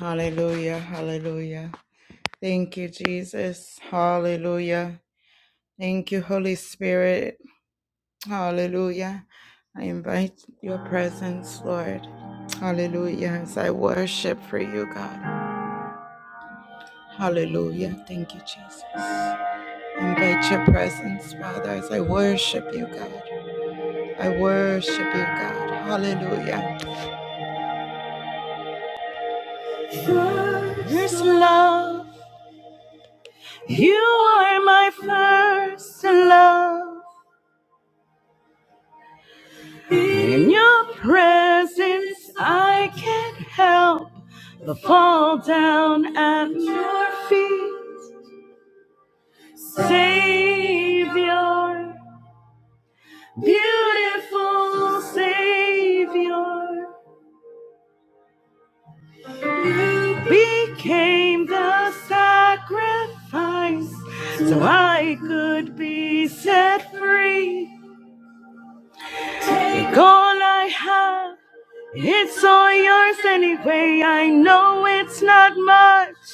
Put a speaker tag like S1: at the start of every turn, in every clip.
S1: Hallelujah, hallelujah. Thank you, Jesus. Hallelujah. Thank you, Holy Spirit. Hallelujah. I invite your presence, Lord. Hallelujah. As I worship for you, God. Hallelujah. Thank you, Jesus. Invite your presence, Father, as I worship you, God. I worship you, God. Hallelujah. There's love. You are my first love. In your presence, I can't help but fall down at your feet. Savior, beautiful Savior, you became the sacrifice so I could be set free. Take all I have. It's all yours anyway. I know it's not much,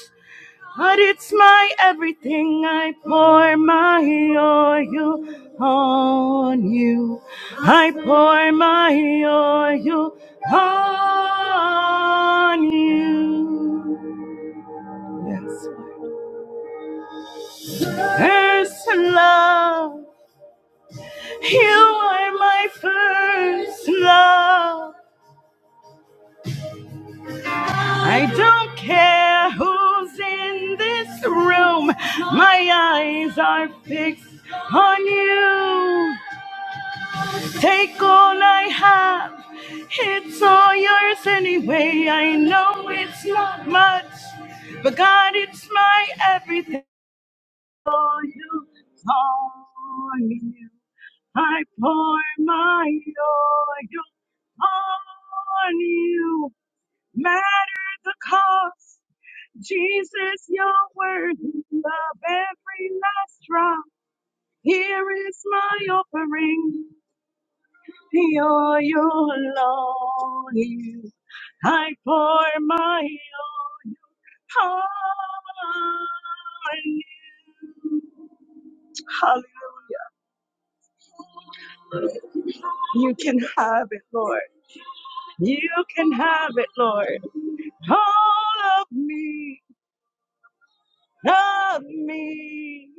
S1: But it's my everything. I pour my oil on you. I pour my oil on you. Yes. First love. You are my first love. I don't care who's in this room. My eyes are fixed on you. Take all I have, it's all yours anyway. I know it's not much, but God, it's my everything for you. On you, I pour my oil on you. Matter the cost, Jesus, you're worthy of every last drop. Here is my offering. your you your longing, I pour my own heart. on you. Hallelujah. You can have it, Lord. You can have it, Lord. All of me, of me.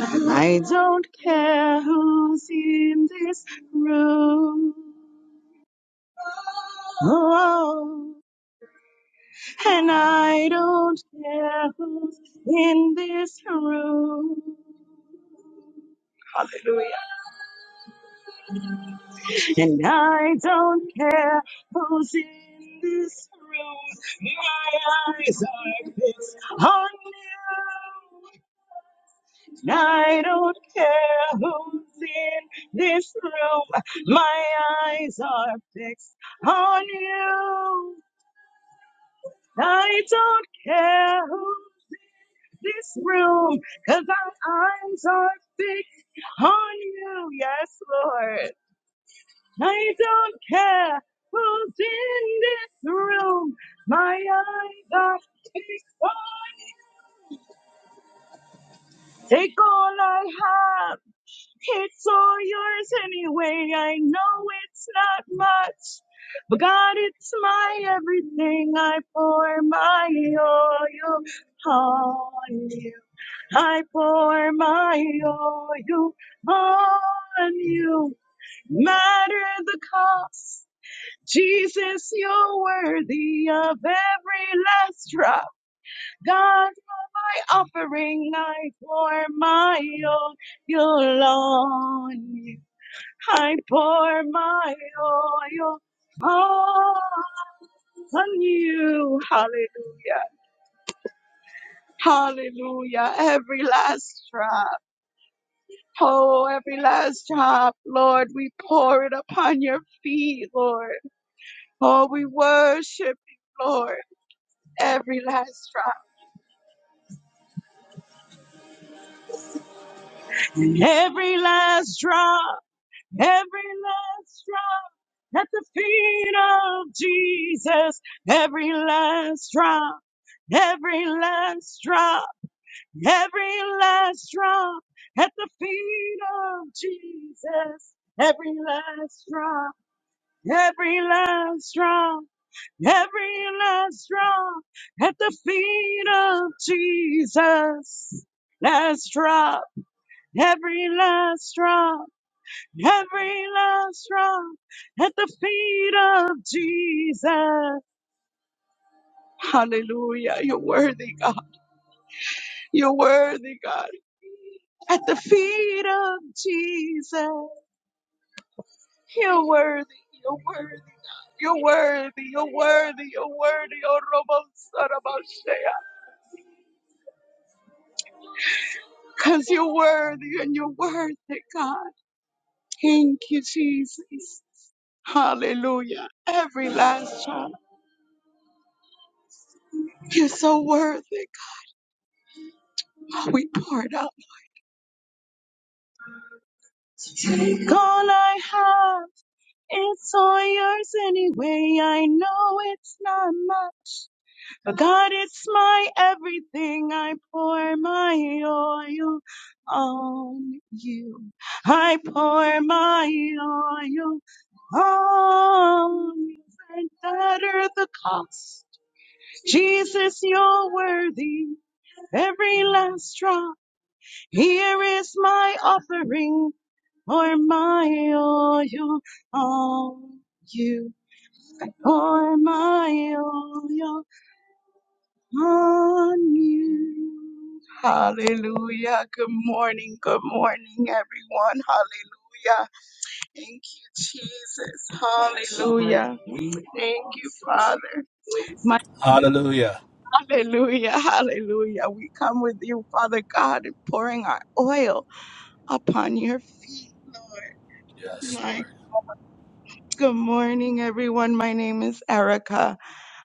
S1: I don't care who's in this room. Oh. and I don't care who's in this room. Hallelujah. And I don't care who's in this room. My eyes are fixed on you. And I don't care who's in this room. My eyes are fixed on you. I don't care who's in this room, 'cause cause my eyes are fixed on you. Yes, Lord. I don't care who's in this room. My eyes are fixed on. Take all I have. It's all yours anyway. I know it's not much. But God, it's my everything. I pour my oil on you. I pour my oil on you. matter the cost. Jesus, you're worthy of every last drop. God, my offering, I pour my oil on you. I pour my oil on you. Hallelujah. Hallelujah. Every last drop. Oh, every last drop. Lord, we pour it upon your feet, Lord. Oh, we worship. you, Lord. every last drop. Every last drop, every last drop at the feet of Jesus. Every last drop, every last drop, every last drop at the feet of Jesus. Every last drop, every last drop, every last drop at the feet of Jesus. Last drop. every last drop, every last drop at the feet of Jesus. Hallelujah. You're worthy, God. You're worthy, God. At the feet of Jesus. You're worthy. You're worthy. You're worthy. You're worthy. You're worthy. Oh, Robo Sarabashea. Because you're worthy and you're worthy, God. Thank you, Jesus. Hallelujah. Every last child. You're so worthy, We poured out. Take all I have. It's all yours anyway. I know it's not mine. But God, it's my everything. I pour my oil on you. I pour my oil on you. And that are the cost. Jesus, you're worthy. Every last drop. Here is my offering. Pour my oil on you. I pour my oil on you. Hallelujah. Good morning. Good morning, everyone. Hallelujah. Thank you, Jesus. Hallelujah. Thank you, Father. My
S2: Hallelujah.
S1: hallelujah. Hallelujah. We come with you, Father God, and pouring our oil upon your feet. Lord.
S2: Yes,
S1: My
S2: Lord.
S1: Good morning, everyone. My name is Erica.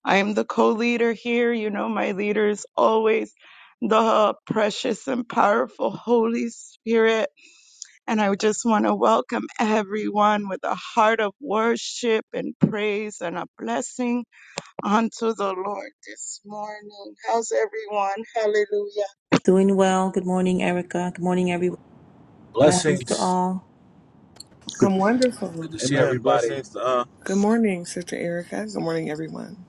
S1: I am the co-leader here. You know, my leader is always the precious and powerful Holy Spirit. And I just want to welcome everyone with a heart of worship and praise and a blessing unto the Lord this morning. How's everyone? Hallelujah.
S3: Doing well. Good morning, Erica. Good morning, everyone. Blessings to
S2: Blessings.
S3: all.
S4: Good.
S5: I'm wonderful.
S2: Good to see
S6: Amen.
S2: everybody.
S6: Blessings. Uh,
S5: Good morning, Sister Erica. Good morning, everyone.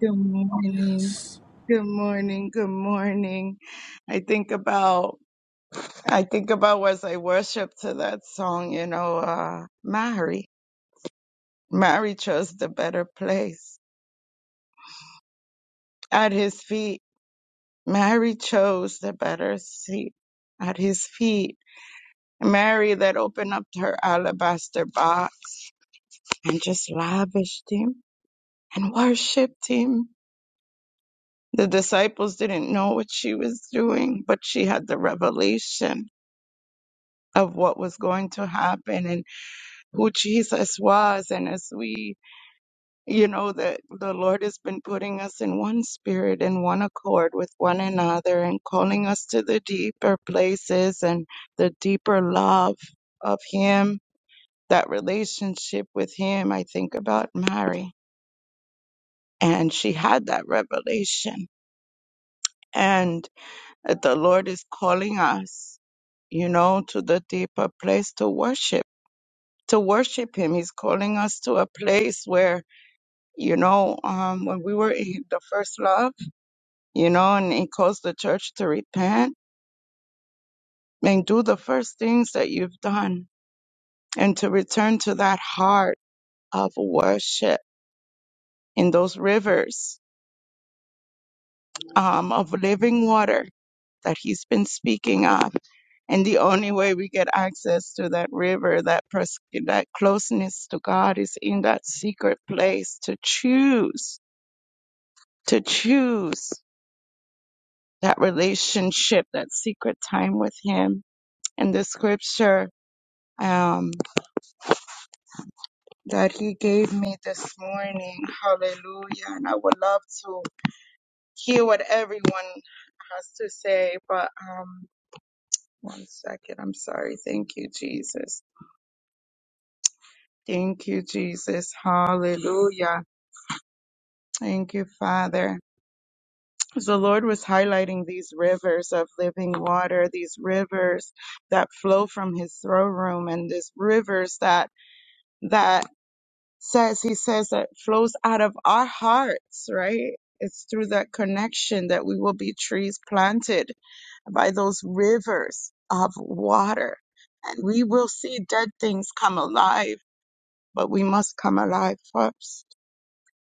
S1: Good morning.
S2: Yes.
S1: Good morning. Good morning. I think about I think about as I worship to that song, you know, uh, Mary. Mary chose the better place at his feet. Mary chose the better seat at his feet. Mary that opened up her alabaster box and just lavished him and worshiped him. The disciples didn't know what she was doing, but she had the revelation of what was going to happen and who Jesus was. And as we you know that the lord has been putting us in one spirit in one accord with one another and calling us to the deeper places and the deeper love of him that relationship with him i think about mary and she had that revelation and that the lord is calling us you know to the deeper place to worship to worship him he's calling us to a place where you know um when we were in the first love you know, and it calls the church to repent and do the first things that you've done and to return to that heart of worship in those rivers um, of living water that he's been speaking of. And the only way we get access to that river, that, pers- that closeness to God is in that secret place to choose, to choose that relationship, that secret time with him. And the scripture um, that he gave me this morning. Hallelujah. And I would love to hear what everyone has to say, but um one second. I'm sorry. Thank you, Jesus. Thank you, Jesus. Hallelujah. Thank you, Father. So the Lord was highlighting these rivers of living water, these rivers that flow from his throne room and these rivers that that says he says that flows out of our hearts right it's through that connection that we will be trees planted by those rivers of water and we will see dead things come alive but we must come alive first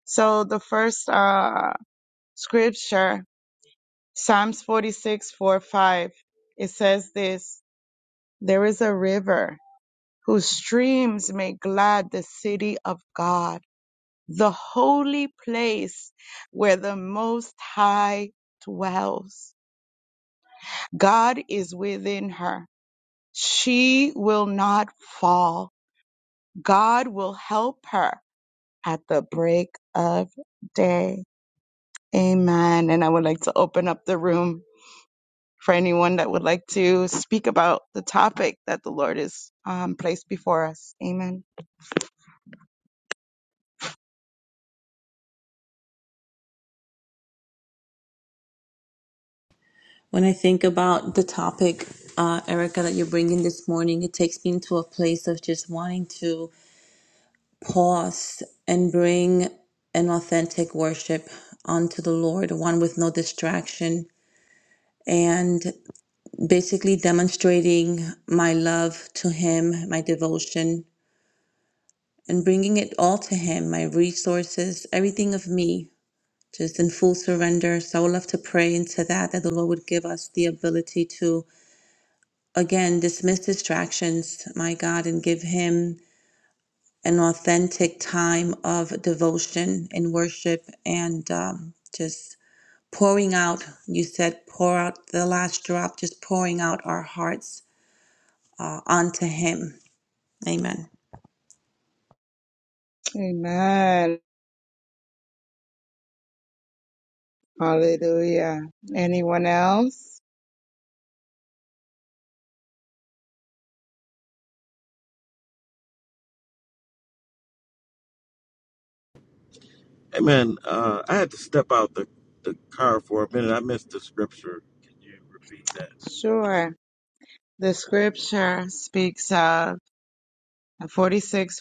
S1: so the first uh scripture psalms 46 four, 5 it says this there is a river whose streams make glad the city of god the holy place where the Most High dwells. God is within her. She will not fall. God will help her at the break of day. Amen. And I would like to open up the room for anyone that would like to speak about the topic that the Lord has um, placed before us. Amen.
S3: When I think about the topic, uh, Erica, that you're bringing this morning, it takes me into a place of just wanting to pause and bring an authentic worship unto the Lord, one with no distraction, and basically demonstrating my love to Him, my devotion, and bringing it all to Him, my resources, everything of me, just in full surrender. So I would love to pray into that, that the Lord would give us the ability to, again, dismiss distractions, my God, and give Him an authentic time of devotion and worship and um, just pouring out. You said, pour out the last drop, just pouring out our hearts uh, onto Him. Amen.
S1: Amen. Hallelujah. Anyone else?
S6: amen. Uh, I had to step out the, the car for a minute. I missed the scripture. Can you repeat that?
S1: Sure. The scripture speaks of 46:45.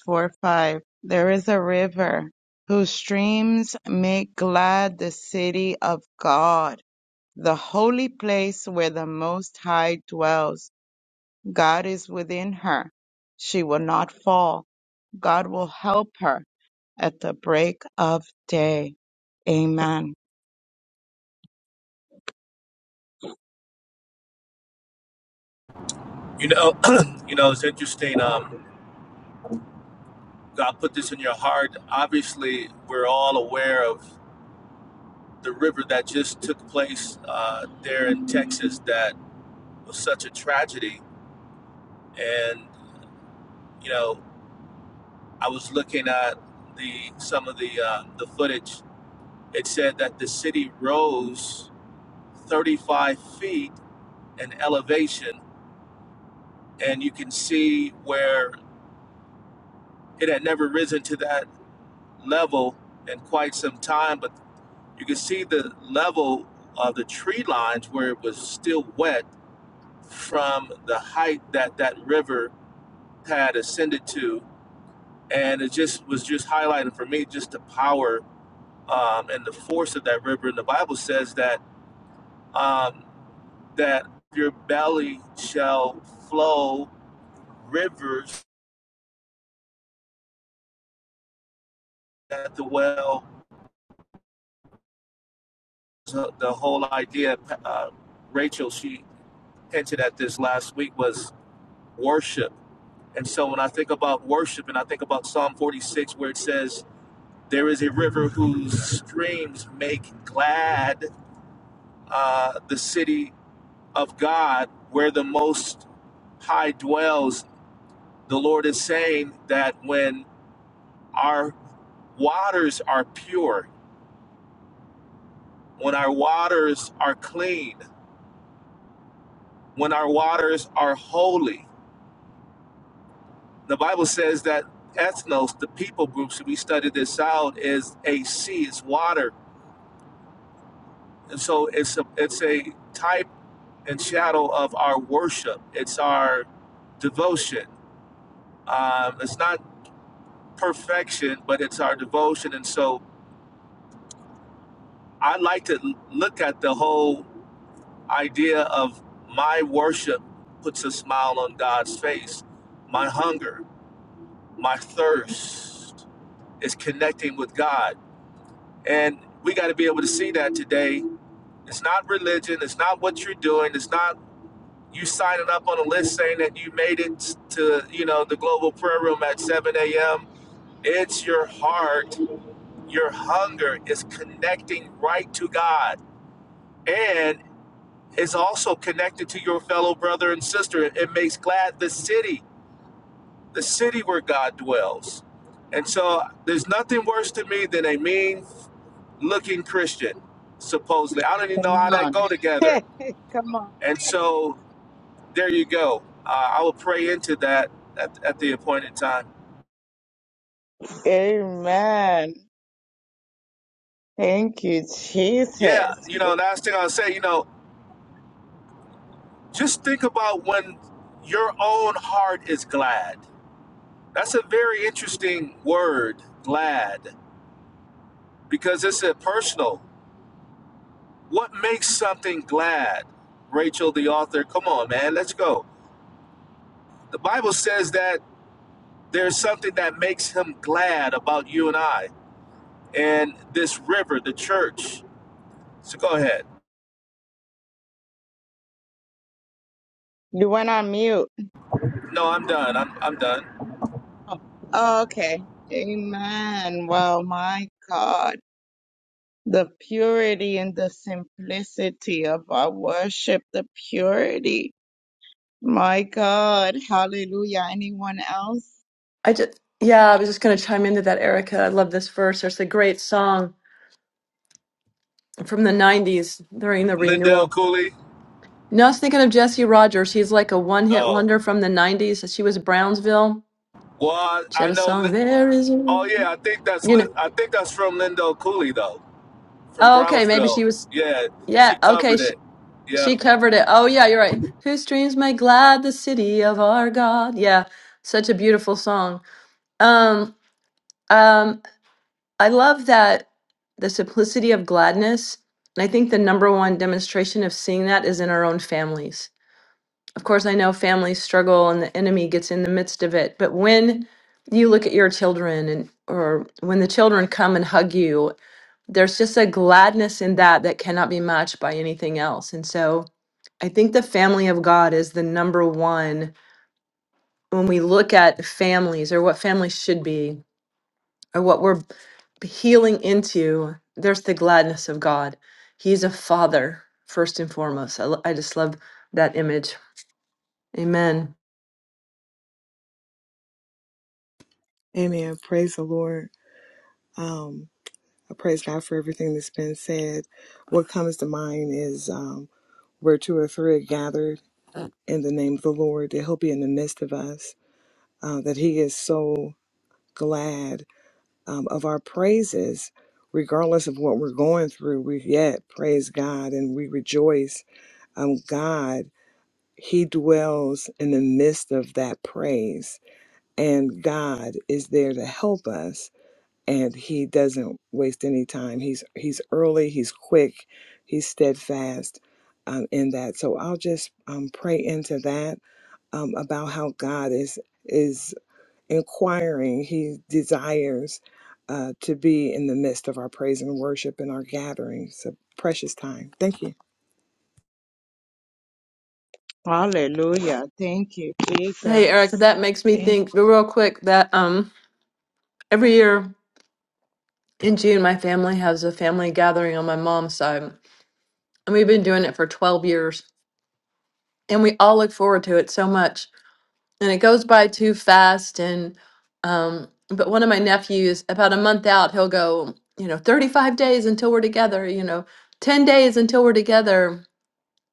S1: There is a river whose streams make glad the city of God, the holy place where the Most High dwells. God is within her. She will not fall. God will help her at the break of day. Amen.
S2: You know, you know, it's interesting. Um, God put this in your heart. Obviously, we're all aware of the river that just took place uh, there in Texas that was such a tragedy. And you know, I was looking at the some of the uh, the footage. It said that the city rose 35 feet in elevation, and you can see where It had never risen to that level in quite some time, but you could see the level of the tree lines where it was still wet from the height that that river had ascended to. And it just was just highlighting for me just the power um, and the force of that river. And the Bible says that um, that your belly shall flow rivers at the well. So the whole idea, uh, Rachel, she attention at this last week was worship. And so when I think about worship and I think about Psalm 46, where it says, There is a river whose streams make glad uh, the city of God, where the Most High dwells. The Lord is saying that when our waters are pure, when our waters are clean, when our waters are holy, The Bible says that ethnos, the people groups, if we studied this out, is a sea, it's water. And so it's a, it's a type and shadow of our worship, it's our devotion. Um, it's not perfection, but it's our devotion. And so I like to look at the whole idea of my worship puts a smile on God's face, my hunger, my thirst is connecting with God And we got to be able to see that today. It's not religion. It's not what you're doing. It's not you signing up on a list saying that you made it to, you know, the global prayer room at 7 a.m. It's your heart. Your hunger is connecting right to God. And it's also connected to your fellow brother and sister. It it makes glad the city, the city where God dwells. And so there's nothing worse to me than a mean, looking Christian, supposedly. I don't even know
S1: Come
S2: how that
S1: on.
S2: go together.
S1: Come on.
S2: And so there you go. Uh, I will pray into that at, at the appointed time.
S1: Amen. Thank you, Jesus.
S2: Yeah, you know, last thing I'll say, you know, just think about when your own heart is glad. That's a very interesting word, glad, because it's a personal. What makes something glad? Rachel, the author, come on, man, let's go. The Bible says that there's something that makes him glad about you and I and this river, the church. So go ahead.
S1: You went on mute.
S2: No, I'm done. I'm I'm done.
S1: Oh, okay. Amen. Wow, my God. The purity and the simplicity of our worship, the purity. My God. Hallelujah. Anyone else?
S7: I just, yeah, I was just going to chime into that, Erica. I love this verse. It's a great song from the 90s during the
S2: Lindell
S7: renewal.
S2: Cooley.
S7: No, I was thinking of Jesse Rogers. He's like a one hit
S2: Oh,
S7: wonder from the 90s. She was Brownsville.
S2: well, I,
S7: She
S2: I
S7: had a
S2: know. Li-
S7: song, There Is, a-"
S2: Oh yeah, I
S7: you
S2: think that's
S7: know.
S2: Lin- I think that's from Lindell Cooley though, from
S7: Oh, okay. Maybe she
S2: Brownsville.
S7: was,
S2: Yeah, she
S7: yeah, okay.
S2: covered
S7: She,
S2: it. Yeah.
S7: she covered it. Oh, yeah, you're right. Whose streams may glad the city of our God. Yeah, such a beautiful song. Um, um, I love that the simplicity of gladness. And I think the number one demonstration of seeing that is in our own families. Of course, I know families struggle and the enemy gets in the midst of it. But when you look at your children and or when the children come and hug you, there's just a gladness in that that cannot be matched by anything else. And so I think the family of God is the number one when we look at families or what families should be or what we're healing into, there's the gladness of God. He's a father, first and foremost. I, lo- I just love that image. Amen.
S5: Amen. Praise the Lord. Um, I praise God for everything that's been said. What comes to mind is um, where two or three are gathered in the name of the Lord, that He'll be in the midst of us, uh, that He is so glad um, of our praises. Regardless of what we're going through, we yet praise God and we rejoice. Um, God, He dwells in the midst of that praise and God is there to help us and he doesn't waste any time. He's he's early, he's quick, he's steadfast um, in that. So I'll just um, pray into that um, about how God is is inquiring. He desires uh, to be in the midst of our praise and worship and our gathering. So precious time. Thank you.
S1: Hallelujah. Thank you,
S7: Hey, Eric,
S1: Jesus.
S7: that makes me
S1: Thank
S7: think real quick that um every year in June, my family has a family gathering on my mom's side. And we've been doing it for 12 years. And we all look forward to it so much. and it goes by too fast and um but one of my nephews about a month out he'll go you know 35 days until we're together you know 10 days until we're together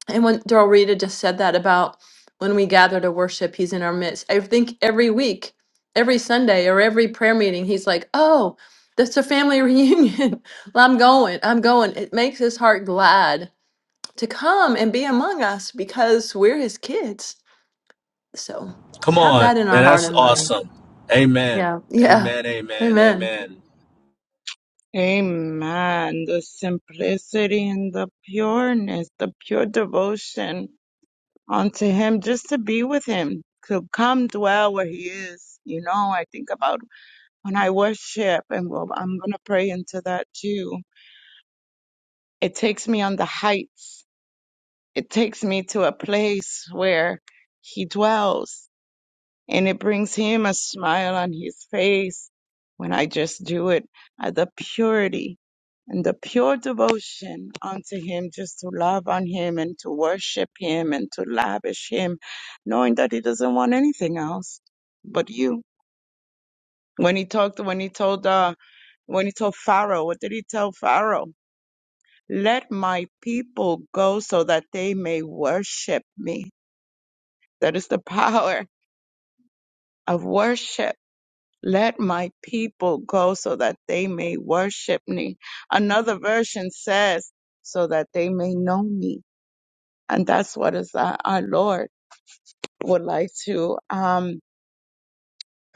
S7: and when Daryl Rita just said that about when we gather to worship he's in our midst I think every week every Sunday or every prayer meeting he's like oh that's a family reunion well, I'm going I'm going it makes his heart glad to come and be among us because we're his kids so
S2: Come
S7: have
S2: on,
S7: that in
S2: man.
S7: our heart
S2: That's
S7: and mind.
S2: awesome. Amen.
S7: Yeah. Yeah.
S2: Amen. Amen.
S7: Amen.
S2: Amen.
S1: Amen. The simplicity and the pureness, the pure devotion unto Him, just to be with Him, to come dwell where He is. You know, I think about when I worship, and well, I'm going to pray into that too, it takes me on the heights. It takes me to a place where He dwells, and it brings Him a smile on His face when I just do it at the purity and the pure devotion unto Him, just to love on Him and to worship Him and to lavish Him, knowing that He doesn't want anything else but you. When he talked, when he told, uh, when he told Pharaoh, what did he tell Pharaoh? Let my people go so that they may worship me. That is the power of worship. Let my people go so that they may worship me. Another version says, so that they may know me. And that's what is uh, our Lord would like to, um,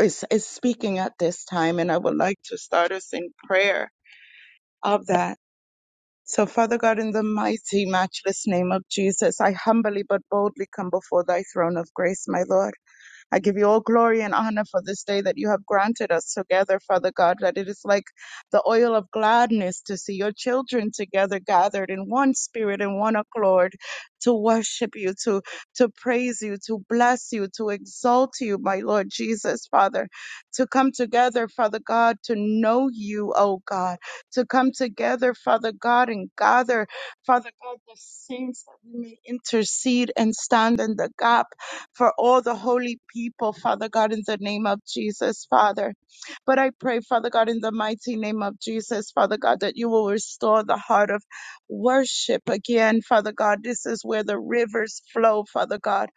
S1: is, is speaking at this time. And I would like to start us in prayer of that. So, Father God, in the mighty, matchless name of Jesus, I humbly but boldly come before thy throne of grace, my Lord. I give you all glory and honor for this day that you have granted us together, Father God, that it is like the oil of gladness to see your children together gathered in one spirit and one accord to worship you, to, to praise you, to bless you, to exalt you, my Lord Jesus, Father, to come together, Father God, to know you, oh God, to come together, Father God, and gather, Father God, the saints that we may intercede and stand in the gap for all the holy people, Father God, in the name of Jesus, Father. But I pray, Father God, in the mighty name of Jesus, Father God, that you will restore the heart of worship again, Father God. This is where the rivers flow, Father God.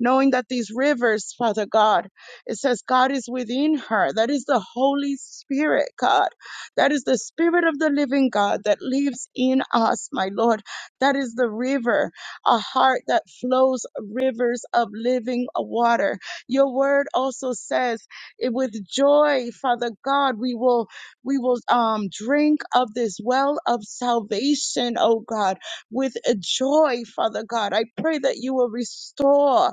S1: Knowing that these rivers, Father God, it says God is within her. That is the Holy Spirit, God. That is the Spirit of the living God that lives in us, my Lord. That is the river, a heart that flows rivers of living water. Your word also says, it- with joy father god we will we will um drink of this well of salvation oh god with a joy father god i pray that you will restore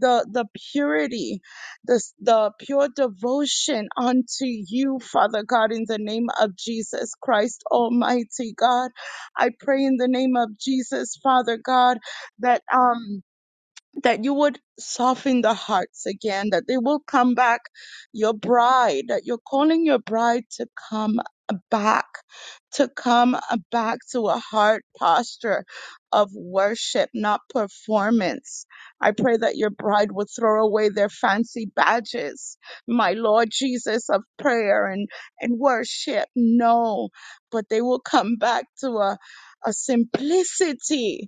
S1: the the purity the s- the pure devotion unto you father god in the name of jesus christ almighty god i pray in the name of jesus father god that um that you would soften the hearts again, that they will come back, your bride, that you're calling your bride to come back, to come back to a heart posture of worship, not performance. I pray that your bride would throw away their fancy badges, my Lord Jesus of prayer and, and worship. No, but they will come back to a, a simplicity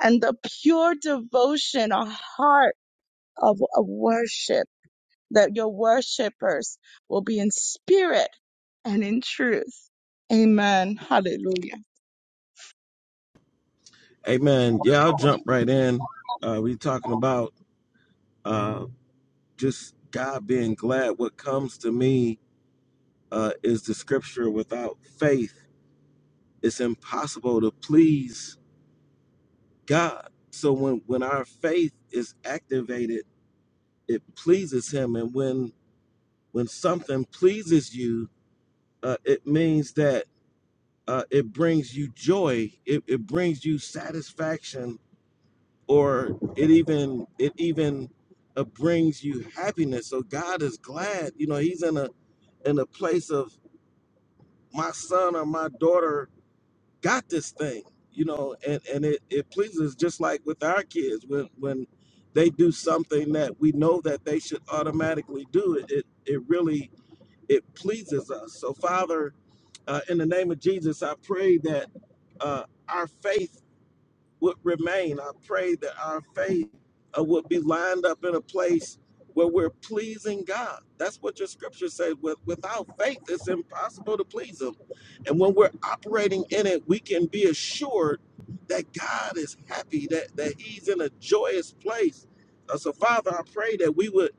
S1: and the pure devotion, a heart of, of worship, that your worshipers will be in spirit and in truth. Amen. Hallelujah.
S6: Amen. Yeah, I'll jump right in. Uh, we talking about uh, just God being glad. What comes to me uh, is the scripture. Without faith, it's impossible to please God. So when when our faith is activated, it pleases Him. And when when something pleases you, uh, it means that uh, it brings you joy it, it brings you satisfaction or it even it even uh, brings you happiness so god is glad you know he's in a in a place of my son or my daughter got this thing you know and and it, it pleases just like with our kids when when they do something that we know that they should automatically do it it, it really it pleases us so father uh, in the name of jesus i pray that uh, our faith would remain. I pray that our faith uh, would be lined up in a place where we're pleasing God. That's what your scripture says. With, without faith, it's impossible to please Him. And when we're operating in it, we can be assured that God is happy, that, that He's in a joyous place. Uh, so, Father, I pray that we would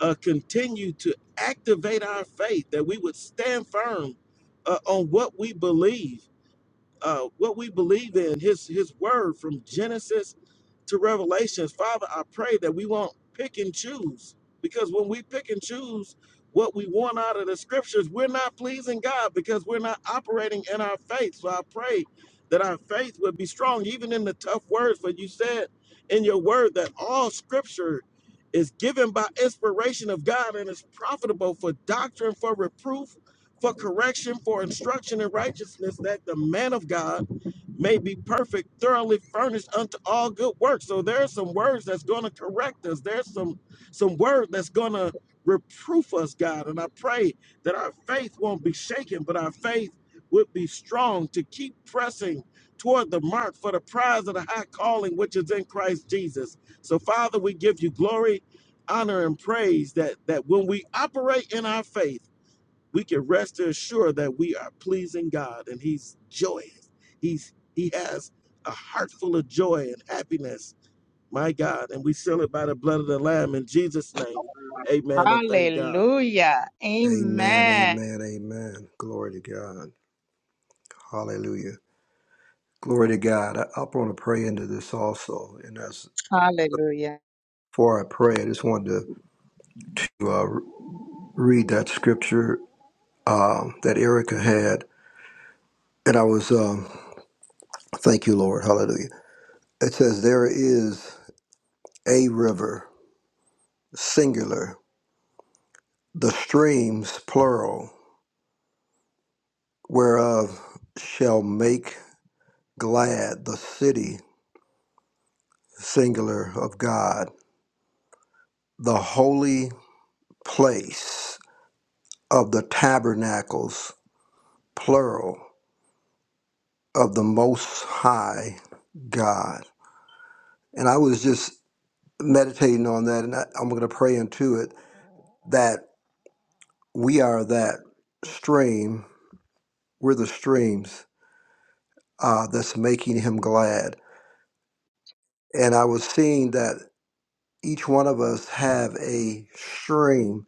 S6: uh, continue to activate our faith, that we would stand firm uh, on what we believe uh, what we believe in, his his word from Genesis to Revelations. Father, I pray that we won't pick and choose. Because when we pick and choose what we want out of the scriptures, we're not pleasing God because we're not operating in our faith. So I pray that our faith would be strong, even in the tough words. For you said in your word that all scripture is given by inspiration of God and is profitable for doctrine, for reproof, for correction, for instruction in righteousness, that the man of God may be perfect, thoroughly furnished unto all good works. So there are some words that's going to correct us. There's some some word that's going to reproof us, God. And I pray that our faith won't be shaken, but our faith would be strong to keep pressing toward the mark for the prize of the high calling which is in Christ Jesus. So Father, we give you glory, honor and praise that that when we operate in our faith we can rest assured that we are pleasing God and He's joyous. He's He has a heart full of joy and happiness, my God. And we seal it by the blood of the Lamb in Jesus' name. Amen and thank God.
S1: Hallelujah.
S4: Amen,
S1: Amen.
S4: amen, amen. Glory to God. Hallelujah. Glory to God. I, I want to pray into this also. And as
S1: Hallelujah.
S4: before I pray, I just wanted to, to uh, read that scripture um that Erica had. And I was, um, thank you, Lord. Hallelujah. It says, There is a river, singular, the streams, plural, whereof shall make glad the city, singular, of God, the holy place of the tabernacles, plural, of the Most High God. And I was just meditating on that, and I, I'm going to pray into it that we are that stream, we're the streams uh, that's making Him glad. And I was seeing that each one of us have a stream,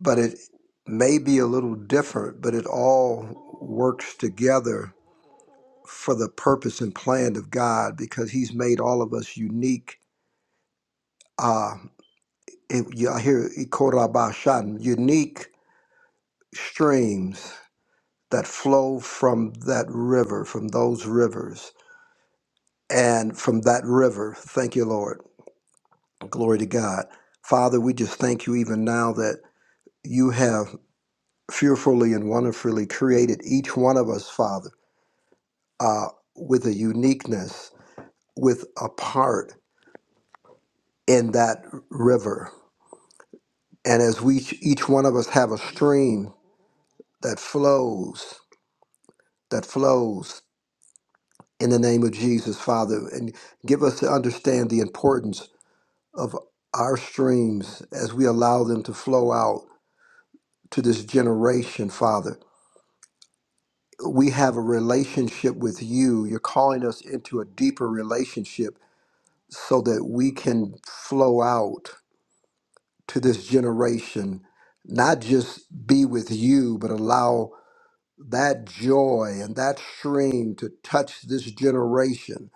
S4: but it may be a little different, but it all works together for the purpose and plan of God because He's made all of us unique. Uh, it, you- I hear it called about Shan, unique streams that flow from that river, from those rivers, and from that river. Thank you, Lord. Glory to God. Father, we just thank you even now that you have fearfully and wonderfully created each one of us, Father, uh, with a uniqueness, with a part in that river And as we each one of us have a stream that flows, that flows in the name of Jesus, Father, and give us to understand the importance of our streams as we allow them to flow out to this generation, Father. We have a relationship with you. You're calling us into a deeper relationship so that we can flow out to this generation, not just be with you, but allow that joy and that stream to touch this generation,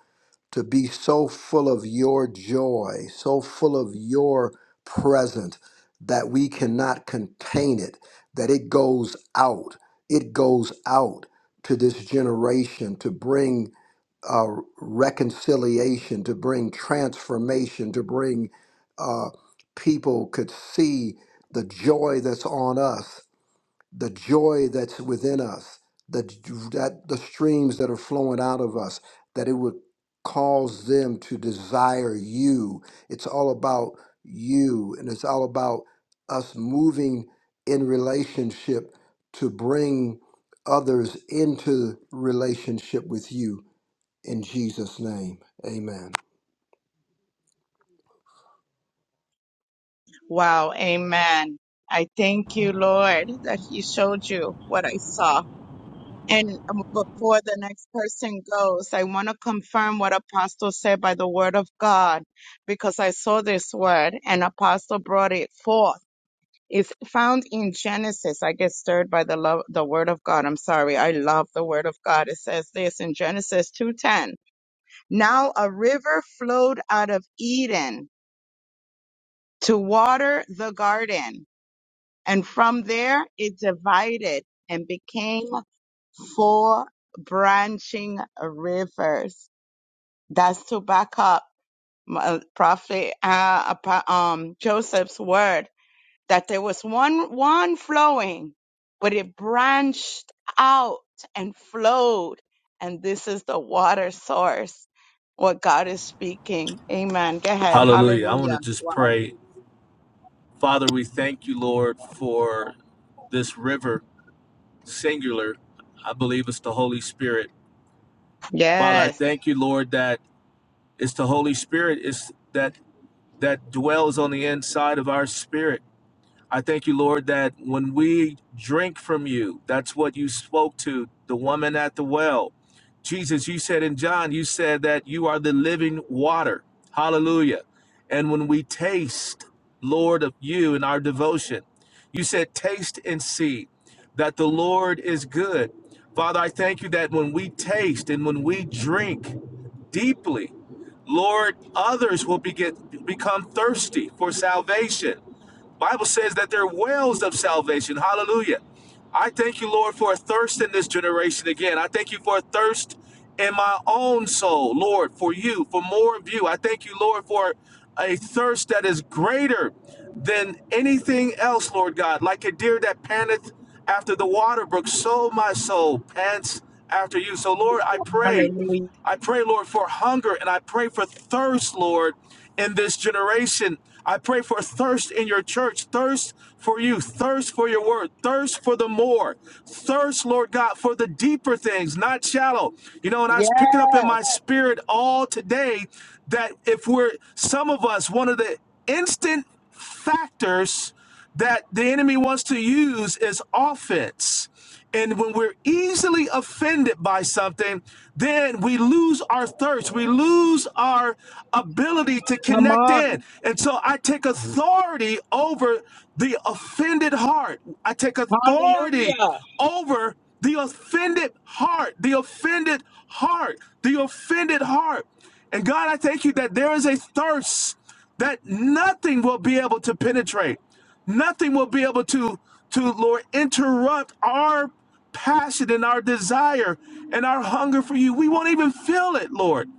S4: to be so full of your joy, so full of your presence that we cannot contain it, that it goes out. It goes out to this generation to bring uh, reconciliation, to bring transformation, to bring uh, people could see the joy that's on us the joy that's within us, the, that the streams that are flowing out of us, that it would cause them to desire you. It's all about you, and it's all about us moving in relationship to bring others into relationship with you. In Jesus' name, amen.
S1: Wow. Amen. I thank you, Lord, that He showed you what I saw. And um, before the next person goes, I want to confirm what Apostle said by the word of God, because I saw this word and Apostle brought it forth. It's found in Genesis. I get stirred by the love, the word of God. I'm sorry. I love the word of God. It says this in Genesis 2:10. Now a river flowed out of Eden to water the garden, and from there it divided and became four branching rivers. That's to back up my- uh, Prophet uh, apo- um, Joseph's word that there was one one flowing, but it branched out and flowed, and this is the water source. What God is speaking. Amen. Go ahead.
S2: Hallelujah. I want
S1: Hallelujah.
S2: to just
S1: Wow.
S2: pray. Father, we thank you, Lord, for this river singular. I believe it's the Holy Spirit Father, I
S1: Yes.
S2: thank you, Lord, that it's the Holy Spirit is that that dwells on the inside of our spirit. I thank you, Lord, that when we drink from you, that's what you spoke to the woman at the well. Jesus, you said in John, you said that you are the living water. Hallelujah. And when we taste, Lord, of you in our devotion, you said, taste and see that the Lord is good. Father, I thank you that when we taste and when we drink, deeply. Lord, others will be get, become thirsty for salvation. Bible says that they're wells of salvation. Hallelujah. I thank you, Lord, for a thirst in this generation again. I thank you for a thirst in my own soul, Lord, for you, for more of you. I thank you, Lord, for a thirst that is greater than anything else, Lord God. Like a deer that panteth after the water brook, so my soul pants after you. So, Lord, I pray. I pray, Lord, for hunger and I pray for thirst, Lord, in this generation. I pray for thirst in your church, thirst for you, thirst for your word, thirst for the more, thirst, Lord God, for the deeper things, not shallow. You know, and I was
S1: Yes.
S2: picking up in my spirit all today that if we're, some of us, one of the instant factors that the enemy wants to use is offense. And when we're easily offended by something, then we lose our thirst. We lose our ability to
S1: Come
S2: connect
S1: on.
S2: in. And so I take authority over the offended heart. I take authority
S1: Hallelujah.
S2: over the offended heart, the offended heart, the offended heart. And God, I thank you that there is a thirst that nothing will be able to penetrate. Nothing will be able to, to Lord, interrupt our passion and our desire and our hunger for you. We won't even feel it, Lord.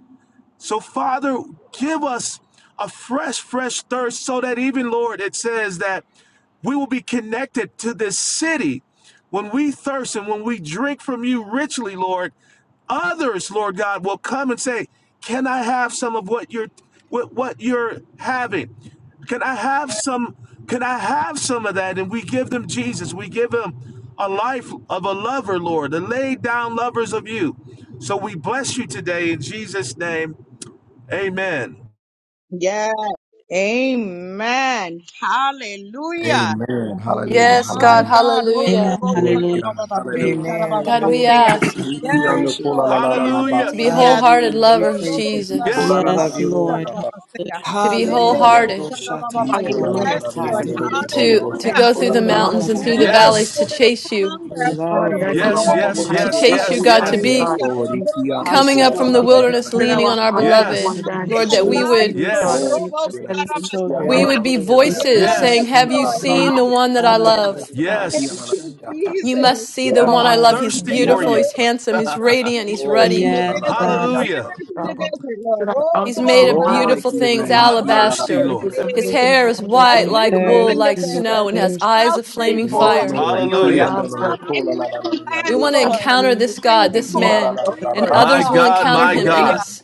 S2: So, Father, give us a fresh, fresh thirst so that even, Lord, it says that we will be connected to this city. When we thirst and when we drink from you richly, Lord, others, Lord God, will come and say, "Can I have some of what you're what, what you're having? Can I have some? Can I have some of that?" And we give them Jesus. We give them a life of a lover, Lord, the laid down lovers of you. So we bless you today in Jesus' name. Amen.
S1: Yes. Amen. Hallelujah.
S4: Amen. Hallelujah.
S7: Yes,
S1: My
S7: God,
S4: Hallelujah.
S1: God. Oh,
S3: Amen.
S7: hallelujah.
S1: Robo
S4: Glory to
S3: Hallelujah.
S1: Sarababa, Goose
S4: God.
S5: Amen.
S1: Sarababa,
S7: God, we
S5: Glory
S1: Saya.
S5: to
S7: ask
S5: God. We
S1: Yes,
S5: praise you,
S1: Lord.
S5: Father.
S2: Hallelujah.
S7: to be
S1: Hallelujah.
S7: wholehearted
S1: Thank
S5: Hallelujah.
S1: you.
S5: We
S1: Oh,
S7: lovers,
S5: praise
S1: Robo
S5: you, Father.
S2: Yeah.
S7: Jesus,
S5: We
S1: Sarababa,
S5: love
S3: Yes,
S4: Hallelujah.
S5: you,
S1: Goose
S3: Lord.
S5: Lord.
S1: Sarababa,
S3: Hallelujah.
S1: Saya.
S7: to be
S4: Hallelujah.
S2: No
S5: Hallelujah.
S1: Rebe
S2: Lord
S7: wholehearted,
S2: Sata.
S1: Sarababa,
S4: Yes, Lord.
S1: yeah.
S8: Hallelujah,
S1: Yes,
S8: Jesus.
S1: Lord.
S4: Lord,
S7: to
S4: run
S7: to
S1: Hallelujah.
S7: go
S8: Thank you,
S7: through the
S8: Lord.
S7: mountains and
S8: Jesus.
S7: through the
S1: Yes, a
S7: valleys to
S2: Yes.
S1: spirit of
S7: chase you,
S5: We
S1: hunger, a
S3: Yes,
S1: spirit
S8: Lord,
S1: of
S5: love you,
S8: let's be
S3: Lord.
S5: Lord.
S2: Yes,
S1: thirst,
S5: We
S2: yes,
S7: to
S8: united
S5: love you,
S2: yes,
S8: with
S7: chase
S1: Lord.
S5: God.
S7: you,
S2: yes,
S5: We
S7: God, to
S8: Father
S5: thank
S2: yes.
S7: be
S8: God.
S1: Hallelujah.
S5: you.
S1: Oh,
S8: Please,
S1: Robo
S8: Jesus.
S7: coming up
S1: Sarababa,
S7: from the
S1: Saya.
S7: wilderness
S8: Fill
S7: leaning
S8: our
S7: on our
S8: heart
S1: Oh,
S8: with
S1: the
S7: beloved.
S2: Yes.
S8: wonder and
S3: Hallelujah.
S1: fountain
S5: The
S7: Lord,
S1: of
S7: that we
S5: children,
S8: praise to
S1: life,
S7: would
S8: you,
S1: Lord.
S8: God,
S2: Yes.
S1: Robo
S8: Jesus. Let us
S5: the
S8: be
S1: Sarababa,
S5: children in
S1: Sea.
S5: the
S7: we
S3: Oh,
S8: forward
S7: would
S8: and
S7: be
S5: beginning of it.
S3: thank
S4: after
S3: you, God.
S7: voices
S8: forward.
S5: We
S7: saying,
S1: Yes,
S2: Yes.
S7: "Have
S5: thank
S7: you
S5: you.
S1: Lord.
S3: Hallelujah.
S7: seen the one that I
S8: Oh,
S1: Hallelujah.
S7: love?
S8: Jesus, God.
S4: you.
S1: Thank you,
S2: Yes.
S7: You
S1: Jesus,
S7: must see the
S4: Yes,
S7: one
S1: Lord.
S7: I
S2: I'm
S4: Lord.
S7: love. He's
S2: thirsty
S1: This
S5: Hallelujah.
S2: for
S1: river,
S7: beautiful,
S2: you.
S7: he's handsome, he's
S1: rivers,
S7: radiant, he's
S1: rivers
S4: Oh,
S1: in
S7: ruddy."
S8: God,
S1: the
S3: Yes,
S1: desert,
S3: God.
S2: Hallelujah.
S1: rivers in the desert,
S8: So
S1: Lord.
S8: that
S1: Oh,
S8: out
S7: He's
S8: of
S1: Robo
S7: made
S8: our
S7: of
S4: Glory
S7: beautiful
S4: to
S8: mouths
S1: Sarabashea.
S4: your
S7: things,
S8: from
S4: name.
S2: I'm
S1: Oh,
S2: thirsty,
S1: Robo
S8: the
S7: alabaster.
S2: Lord.
S8: peace of
S7: His
S1: Serebe.
S8: living
S7: hair is
S8: waters
S1: Yes,
S8: and
S7: white
S3: Hallelujah.
S7: like
S1: rivers
S7: wool,
S3: Thirsty,
S1: in
S8: praise,
S1: the
S7: like
S3: Lord.
S8: Jesus.
S7: snow,
S1: desert.
S7: and has
S1: It's
S3: Thirsty.
S7: eyes
S1: shall
S7: of
S1: spring
S7: flaming
S4: Yes,
S8: Behold
S1: forth
S8: you
S7: fire.
S8: by
S1: in
S8: your
S1: a
S2: Hallelujah.
S8: love,
S1: dry
S8: Father.
S1: and weary
S7: We
S1: land,
S4: Lord.
S7: want
S8: Hallelujah.
S7: to
S1: Lord.
S7: encounter this
S8: Lord,
S1: Spring
S7: God,
S4: Yeah.
S7: this
S3: Yes,
S1: forth
S7: man,
S3: God.
S7: and
S1: rivers,
S2: My
S7: others
S1: God.
S7: will
S2: God,
S7: encounter
S2: my
S3: Give
S7: him in
S2: God.
S3: us
S1: Hallelujah.
S7: us.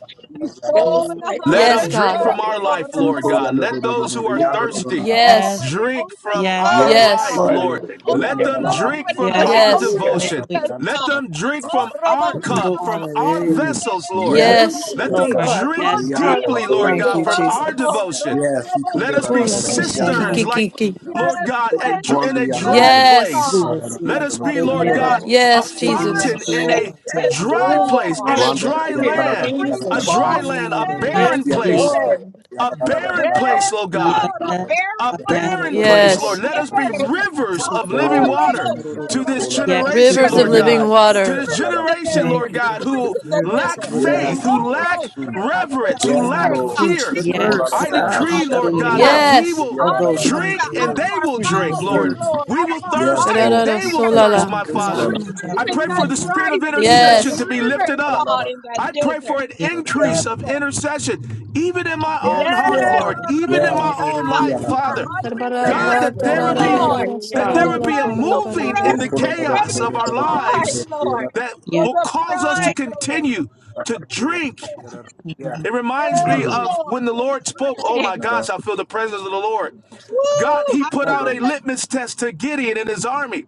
S8: there
S3: thirsty,
S1: Restore
S8: is
S3: Lord.
S1: the
S8: my God.
S2: Let
S1: hunger
S7: Yes,
S2: them
S1: and
S3: Hallelujah.
S2: drink
S7: God.
S2: from
S1: thirst,
S2: our
S8: Hallelujah.
S1: Lord.
S2: life, Lord
S1: Robo
S2: God. Let those who are
S1: Sarabashea.
S7: Y-
S2: thirsty
S1: Oh,
S3: Yes,
S7: yes,
S1: where it
S2: drink from
S3: yes,
S2: our
S1: overflows,
S7: yes,
S2: life,
S3: Lord.
S1: God.
S2: Lord. Let them
S8: Hallelujah.
S1: Overflows,
S2: drink
S1: but it
S2: from
S3: Yes,
S1: doesn't
S2: our
S7: yes,
S8: Hallelujah.
S3: hallelujah.
S1: overtake
S2: devotion.
S1: us,
S8: Jesus.
S2: Let
S1: God.
S2: them drink
S1: Oh,
S2: from our
S1: Robo
S3: Lord.
S2: cup, from
S1: Sarabashe,
S2: our vessels,
S1: Rebe
S2: Lord.
S3: Yes,
S4: Yes. Yes.
S8: There is
S7: yes.
S8: my
S2: Let
S3: Lord.
S1: Sarabose.
S2: them
S8: God.
S2: drink
S1: Oh,
S3: Yes,
S1: do
S3: God.
S1: we
S2: deeply, Lord
S5: Thank
S2: God,
S5: you,
S8: Hallelujah.
S2: from
S1: overflow,
S2: our
S5: Jesus.
S1: Lord?
S2: devotion.
S1: Oh, Robo
S2: Let us be
S7: Kula
S3: Oh,
S7: kishi
S1: Sarabashe.
S3: thank you,
S7: kiki
S2: cisterns,
S5: Thank you,
S2: like,
S7: kiki.
S5: Jesus.
S3: God.
S2: Lord
S1: Yes,
S2: God,
S3: Hallelujah.
S2: at,
S1: quench
S2: dr- in
S1: the
S2: a dry
S1: thirst,
S7: Yes,
S2: place.
S1: God.
S2: Let
S5: We receive.
S2: us be, Lord
S3: Yes,
S1: Yes,
S2: God,
S1: in the
S2: a
S5: Hallelujah.
S7: yes,
S1: dry
S7: Jesus.
S3: hallelujah,
S2: fountain in
S3: Lord.
S2: a
S4: Yes.
S1: places,
S2: dry
S8: Hallelujah.
S2: place,
S1: Lord.
S2: in a
S4: Rwanda
S5: Shabbat.
S2: dry
S1: It
S4: ya
S8: Hallelujah.
S1: will
S4: kalala
S2: land,
S4: ya
S1: spring
S2: a
S8: Jesus.
S4: kalala
S2: dry
S1: forth
S4: ya kalala
S1: in
S2: land,
S1: the
S2: a
S1: name
S3: Yes,
S1: of
S2: barren
S8: Yes,
S3: Jesus.
S2: place,
S1: Jesus.
S8: Lord.
S4: ya
S2: a
S4: kalala ya
S2: barren
S4: kalala.
S2: place,
S1: Yes,
S2: Lord God
S3: Yes,
S1: Lord, a
S3: God.
S1: barren
S2: a
S3: yes,
S1: land
S2: barren
S1: of
S2: place,
S5: Yes.
S1: sand,
S2: Lord.
S7: Yes.
S2: Let us be
S1: barren.
S2: rivers
S1: Oh,
S2: of living
S1: Lord,
S4: Glory to
S1: oh,
S2: water
S4: your
S1: oh,
S4: name.
S1: son
S4: You
S2: to
S1: of a
S2: this
S4: call la la
S1: sail.
S4: la
S3: yes,
S1: River,
S2: generation,
S7: Rivers of
S2: Lord
S3: Lord.
S7: living
S4: la.
S2: God.
S4: You
S2: To
S4: are
S7: water.
S2: this
S4: la
S1: rivers
S4: la
S1: in
S4: la
S1: the
S4: la
S2: generation,
S3: My
S4: la.
S1: desert,
S5: Thank
S2: Lord
S5: you,
S2: God,
S5: God,
S1: rivers
S2: who
S5: with
S1: in the
S5: rivers
S2: lack
S5: of
S1: desert.
S5: living
S4: Yes,
S3: yes,
S2: faith,
S5: water.
S1: Lord,
S2: who
S4: Lord.
S1: oh, oh,
S2: lack
S4: Mm.
S1: son of a sail.
S2: reverence, who
S4: Yes,
S2: lack
S5: Ah,
S1: Rivers,
S4: Lord.
S1: God,
S5: quench
S2: fear.
S5: the
S4: You
S3: yes,
S1: rivers,
S4: call la la
S2: I
S5: thirst,
S4: la
S1: rivers.
S4: la
S5: ah,
S4: la.
S3: Lord.
S2: decree, Lord
S5: shadow
S3: Hallelujah.
S2: God,
S1: Hallelujah.
S2: that
S4: Yes.
S2: we
S7: Yes.
S2: will
S4: Ya
S5: of
S4: la la la
S5: those hungry,
S1: Hallelujah.
S2: drink
S4: la
S1: Out
S2: and
S1: of
S5: Lord.
S4: la.
S2: they
S1: our
S2: will
S5: Quench the
S2: drink,
S3: Mm.
S1: mouths,
S4: Mm.
S2: Lord.
S5: thirst
S1: Lord,
S2: We
S1: out of
S2: will
S1: our
S4: Yes,
S2: thirst
S1: hearts,
S2: and
S4: Lord.
S7: Kararara
S2: they
S4: We
S2: will
S1: rivers,
S4: thank you.
S2: thirst,
S7: solala
S2: my
S5: and
S4: You call la
S2: Father.
S5: desire
S4: la
S7: karışımın.
S5: to
S3: Yes,
S1: rivers
S2: I
S4: la la la.
S1: in
S2: pray for
S1: that
S2: the
S5: drink of the
S2: spirit
S1: dry
S2: of
S5: water.
S4: Ya
S5: Yes.
S1: season,
S4: la
S2: intercession
S4: la la
S2: to
S7: Yes.
S2: be
S4: la la. Ya
S1: rivers,
S2: lifted
S4: la
S2: up.
S1: God,
S4: la
S1: in that
S2: I pray
S1: desert.
S2: for an
S4: la la la.
S1: Yes,
S2: increase
S3: God.
S2: of
S1: Lord.
S2: intercession, even in my own
S8: Yes,
S2: heart,
S4: Yes,
S1: Yes,
S2: Lord,
S8: Lord.
S2: even in my
S4: yes.
S2: own
S1: Rabosaka,
S4: Yeah,
S2: life,
S4: la, la,
S5: Hallelujah.
S1: a
S4: la,
S2: Father.
S1: heart of
S4: la,
S2: God,
S8: Yes,
S7: Barbarara
S2: that
S4: la,
S2: there
S1: intercessory,
S8: Lord.
S4: la,
S2: would
S3: Yes,
S4: la,
S2: be
S4: la,
S5: Yes.
S4: yeah.
S1: Lord,
S7: tarararara
S2: that
S8: Hallelujah.
S1: to
S2: there
S3: hallelujah.
S2: would
S7: solala
S2: be a
S1: pray, to
S2: moving
S4: Go,
S2: in
S1: press,
S2: the
S7: korrabarara.
S4: go,
S1: to
S4: la, la, la, la, la, la, la, la,
S1: pray
S2: chaos
S1: for
S2: of
S1: the
S2: our
S1: bride,
S4: la,
S2: lives
S1: Lord,
S4: yeah,
S2: that
S1: for
S3: yes,
S2: will
S1: the
S2: cause us to
S1: bride,
S3: yes.
S1: Lord.
S4: la,
S2: continue to
S4: la, la, la, la, la, la, la, la,
S2: drink
S4: la, la, la, yeah.
S3: hallelujah.
S2: it reminds
S1: Yes,
S2: me
S3: Hallelujah.
S2: of
S1: Lord,
S2: when the Lord spoke.
S1: to
S2: Oh
S1: drink.
S2: my gosh, I feel the presence of the Lord. God,
S1: Woo,
S2: He put out a
S1: hallelujah.
S5: Abosh.
S2: litmus test to Gideon and his army.